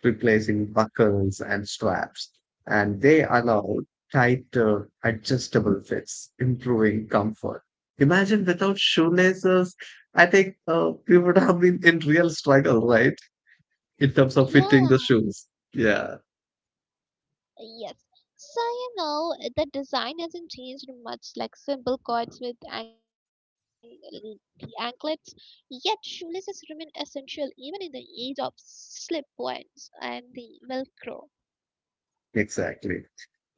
Speaker 2: replacing buckles and straps, and they allowed tighter, adjustable fits, improving comfort. Imagine without shoelaces, I think uh, we would have been in real struggle, right? In terms of
Speaker 1: Yeah,
Speaker 2: fitting the shoes. Yeah,
Speaker 1: yes. So you know the design hasn't changed much, like simple cords with ang- the anklets. Yet shoelaces remain essential even in the age of slip ones and the Velcro.
Speaker 2: exactly.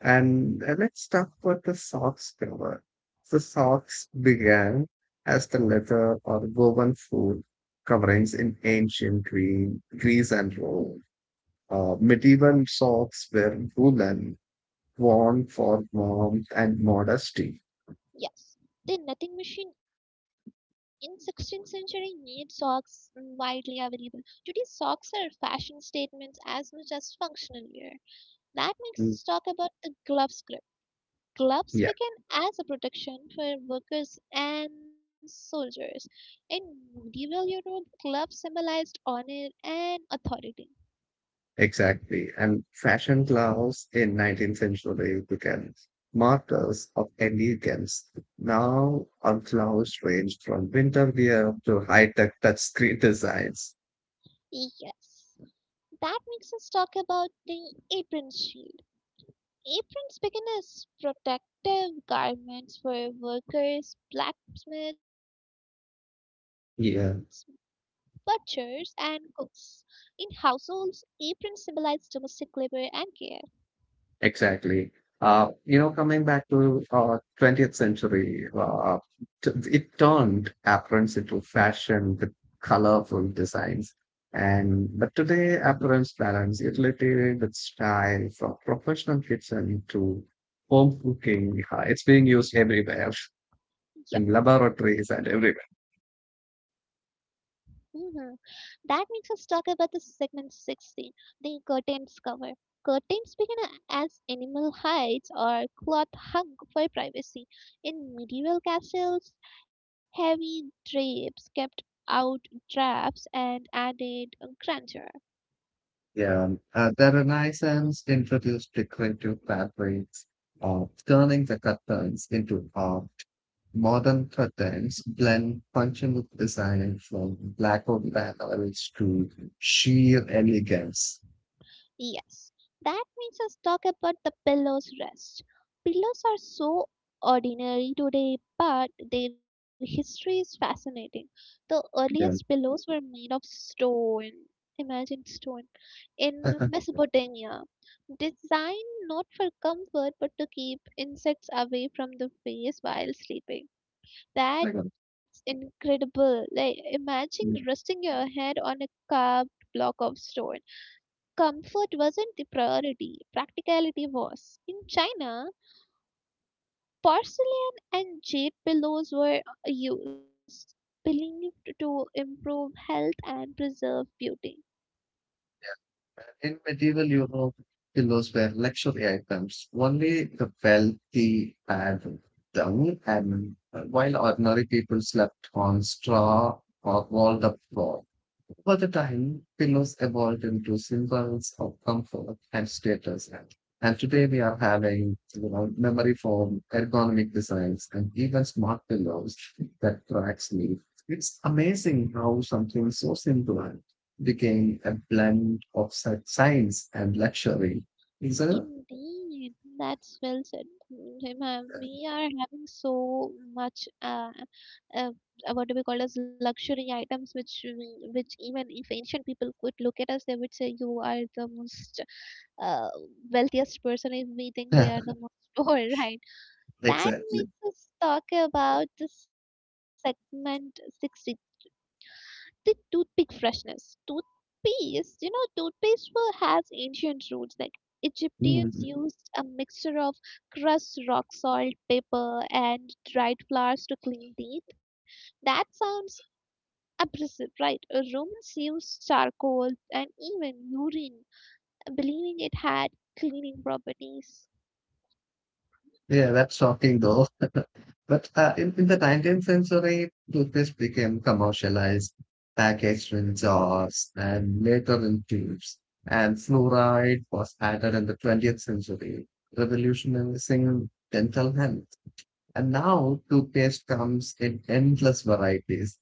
Speaker 2: And uh, let's talk about the socks cover. The socks began as the leather or woven food coverings in ancient Green, Greece and Rome. Uh, medieval socks were woolen, worn for warmth and modesty.
Speaker 1: Yes, the netting machine in sixteenth century made socks mm, widely available. Today, socks are fashion statements as much as functional wear. That makes us talk
Speaker 2: Mm.
Speaker 1: about the gloves grip. Gloves
Speaker 2: Yeah.
Speaker 1: began as a protection for workers and soldiers. In medieval Europe, gloves symbolized honor and authority.
Speaker 2: Exactly. And fashion clothes in nineteenth century became markers of elegance. Now, our clothes range from winter wear to high-tech touchscreen designs.
Speaker 1: Yes, that makes us talk about the apron shield. Aprons began as protective garments for workers, blacksmiths, butchers,
Speaker 2: Yeah.
Speaker 1: and cooks. In households, aprons symbolized domestic labor and care.
Speaker 2: Exactly. Uh, you know, coming back to uh, twentieth century, uh, t- it turned aprons into fashion with colorful designs. And but today, aprons balance utility with style from professional kitchen to home cooking. Uh, it's being used everywhere
Speaker 1: Yep,
Speaker 2: in laboratories and everywhere.
Speaker 1: mhm. That makes us talk about the segment sixteen, the curtains cover. Curtains began a- as animal hides or cloth hung for privacy. In medieval castles, heavy drapes kept out drafts and added grandeur.
Speaker 2: Yeah, uh, the Renaissance introduced decorative fabrics, uh, turning the curtains into art. Modern curtains blend functional design from blackout panels to sheer elegance.
Speaker 1: Yes, that makes us talk about the pillow's rest. Pillows are so ordinary today, but their history is fascinating. The earliest
Speaker 2: Yeah.
Speaker 1: pillows were made of stone. Imagine stone in Mesopotamia, designed not for comfort but to keep insects away from the face while sleeping.
Speaker 2: Like,
Speaker 1: That's
Speaker 2: uh,
Speaker 1: incredible. Like imagine resting
Speaker 2: yeah.
Speaker 1: your head on a carved block of stone. Comfort wasn't the priority, practicality was. In China, porcelain and jade pillows were uh, used, believed to improve health and preserve beauty.
Speaker 2: In medieval Europe, pillows were luxury items. Only the wealthy had them, and uh, while ordinary people slept on straw or rolled up floor. Over the time, pillows evolved into symbols of comfort and status. And and today we are having you know, memory foam, ergonomic designs, and even smart pillows that track sleep. It's amazing how something so simple became a blend of sci- science and luxury. Is it?
Speaker 1: Indeed, that's well said. Hima, we are having so much uh, uh, uh, what do we call as luxury items which we- which even if ancient people could look at us they would say you are the most uh, wealthiest person if we think we are the most poor, right? That
Speaker 2: Exactly.
Speaker 1: makes us talk about the segment sixty, the toothpick freshness. Toothpaste, you know, toothpaste wa- has ancient roots. Like Egyptians
Speaker 2: Mm.
Speaker 1: used a mixture of crushed rock salt, paper, and dried flowers to clean teeth. That sounds abrasive, right? Romans used charcoal and even urine, believing it had cleaning properties.
Speaker 2: Yeah, that's shocking though. But uh, in, in the nineteenth century, toothpaste became commercialized, packaged in jars and later in tubes. And fluoride was added in the twentieth century, revolutionizing dental health. And now toothpaste comes in endless varieties,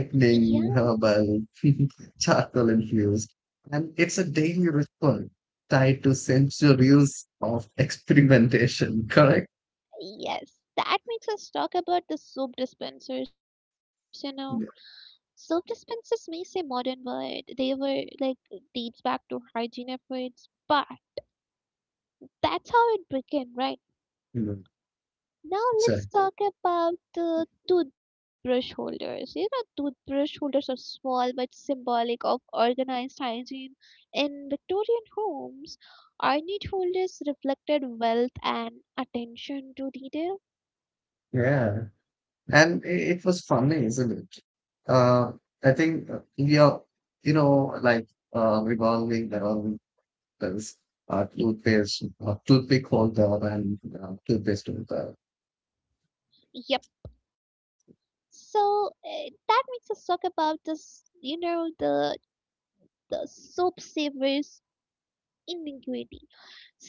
Speaker 1: Yeah,
Speaker 2: herbal, charcoal infused. And it's a daily ritual tied to centuries of experimentation, correct?
Speaker 1: yes, that makes us talk about the soap dispensers, you know.
Speaker 2: Yeah.
Speaker 1: Soap dispensers may say modern, but they were like dates back to hygiene efforts, but that's how it began, right?
Speaker 2: Mm.
Speaker 1: Now let's
Speaker 2: Exactly.
Speaker 1: talk about the toothbrush holders. You know, toothbrush holders are small but symbolic of organized hygiene. In Victorian homes, ornate holders reflected wealth and attention to detail.
Speaker 2: Yeah, and i- it was funny, isn't it? Uh, I think uh, India, you know, like uh, revolving around this uh, toothpaste, uh, toothpick holder, and uh, toothpaste holder.
Speaker 1: Yep. So eh, that makes us talk about this, you the the soap savers inequity.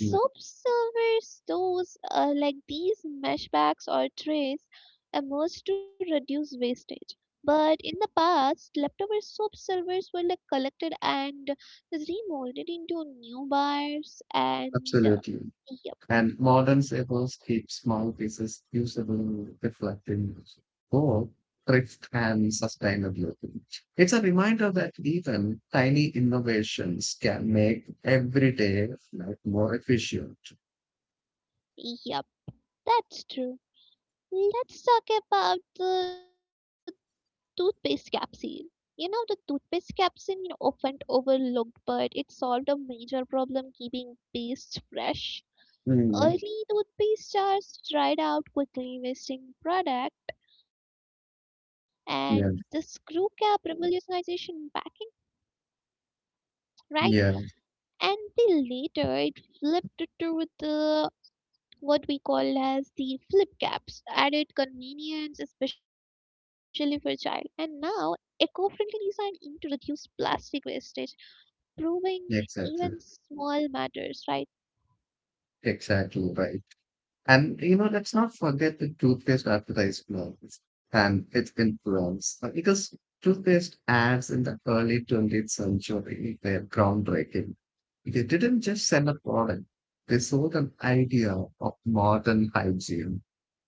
Speaker 2: Yeah.
Speaker 1: savers, those uh, like these mesh bags or trays, emerged to reduce wastage. But in the past, leftover soap silvers were like collected and remolded into new bars. And uh,
Speaker 2: Absolutely.
Speaker 1: yep,
Speaker 2: And modern staples keep small pieces usable, reflecting both thrift and sustainability. It's a reminder that even tiny innovations can make everyday life more efficient.
Speaker 1: yep, that's true. Let's talk about the toothpaste capsule. You know, the toothpaste capsule, you know, often overlooked, but it solved a major problem keeping paste fresh.
Speaker 2: Mm.
Speaker 1: Early toothpaste jars dried out quickly, wasting product, and the screw cap
Speaker 2: Yeah,
Speaker 1: revolutionization in packing, right?
Speaker 2: yeah,
Speaker 1: And then later it flipped to the what we call as the flip caps, added convenience, especially for child. And now eco-friendly design aimed to reduce plastic wastage, proving even
Speaker 2: exactly,
Speaker 1: small matters, right?
Speaker 2: exactly right. And you know, let's not forget the toothpaste advertisements and its influence, uh, because toothpaste ads in the early twentieth century were groundbreaking. They didn't just sell a product; they sold an idea of modern hygiene.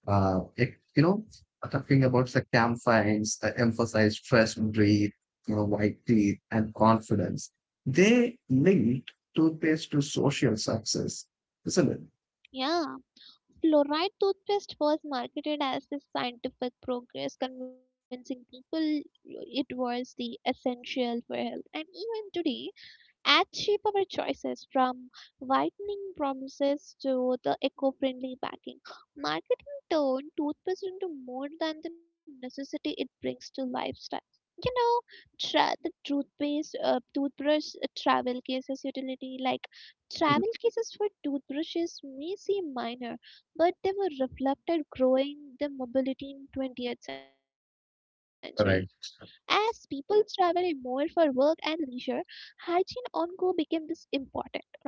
Speaker 2: Uh, it, you know, Talking about the campaigns that emphasized fresh breath, you know, white teeth, and confidence. They linked toothpaste to social success, isn't it?
Speaker 1: Yeah, fluoride toothpaste was marketed as a scientific progress, convincing people it was the essential for health. And even today, ads shape our choices from whitening promises to the eco-friendly backing. Marketing turned toothpaste into more than the necessity it brings to lifestyle. You know, tra- the toothpaste, uh, toothbrush, uh, travel cases utility, like travel cases for toothbrushes may seem minor, but they were reflected growing the mobility in twentieth century as people
Speaker 2: Correct.
Speaker 1: travel more for work and leisure, hygiene on go became this important, right?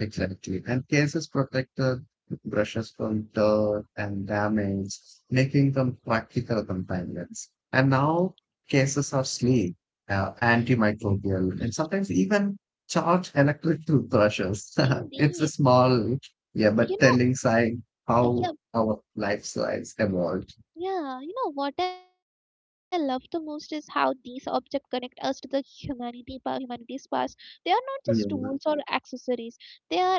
Speaker 2: Exactly. And cases protect the brushes from dirt and damage, making them practical companions. And now cases are sleek, uh, antimicrobial,
Speaker 1: Y-
Speaker 2: and sometimes even charge electric toothbrushes. It's a
Speaker 1: Indeed.
Speaker 2: small, yeah,
Speaker 1: You
Speaker 2: but telling
Speaker 1: know,
Speaker 2: sign
Speaker 1: uh,
Speaker 2: how
Speaker 1: yeah,
Speaker 2: our lifestyles evolved.
Speaker 1: yeah. You know what I love the most is how these objects connect us to the humanity, pa- humanity's past. They are not just tools
Speaker 2: Yeah,
Speaker 1: or accessories. They are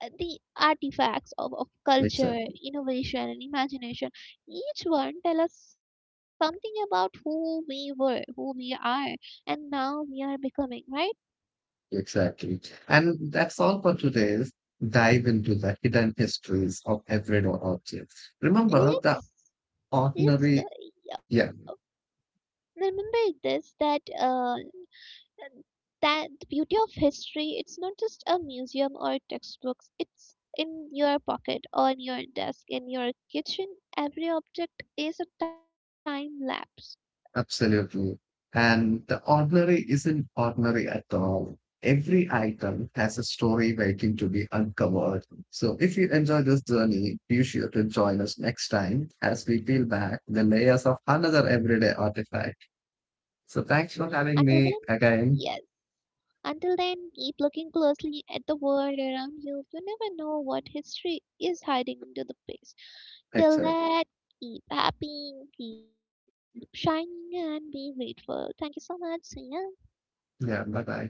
Speaker 1: uh, the artifacts of, of culture,
Speaker 2: exactly.
Speaker 1: innovation, and imagination. Each one tell us something about who we were, who we are, and now we are becoming, right?
Speaker 2: Exactly. And that's all for today's dive into the hidden histories of everyday objects. Remember, the
Speaker 1: It's it's uh,
Speaker 2: ordinary,
Speaker 1: yeah,
Speaker 2: yeah,
Speaker 1: remember this that uh, that the beauty of history. It's not just a museum or textbooks. It's in your pocket, on your desk, in your kitchen. Every object is a time lapse.
Speaker 2: absolutely. And the ordinary isn't ordinary at all. Every item has a story waiting to be uncovered. So if you enjoy this journey, be sure to join us next time as we peel back the layers of another everyday artifact. So thanks
Speaker 1: Until
Speaker 2: for
Speaker 1: then,
Speaker 2: having me
Speaker 1: yes.
Speaker 2: again.
Speaker 1: Until then, keep looking closely at the world around you. You never know what history is hiding into the past. Till
Speaker 2: Excited.
Speaker 1: that, keep happy, keep shining, and be grateful. Thank you so much. See ya.
Speaker 2: Yeah, bye bye.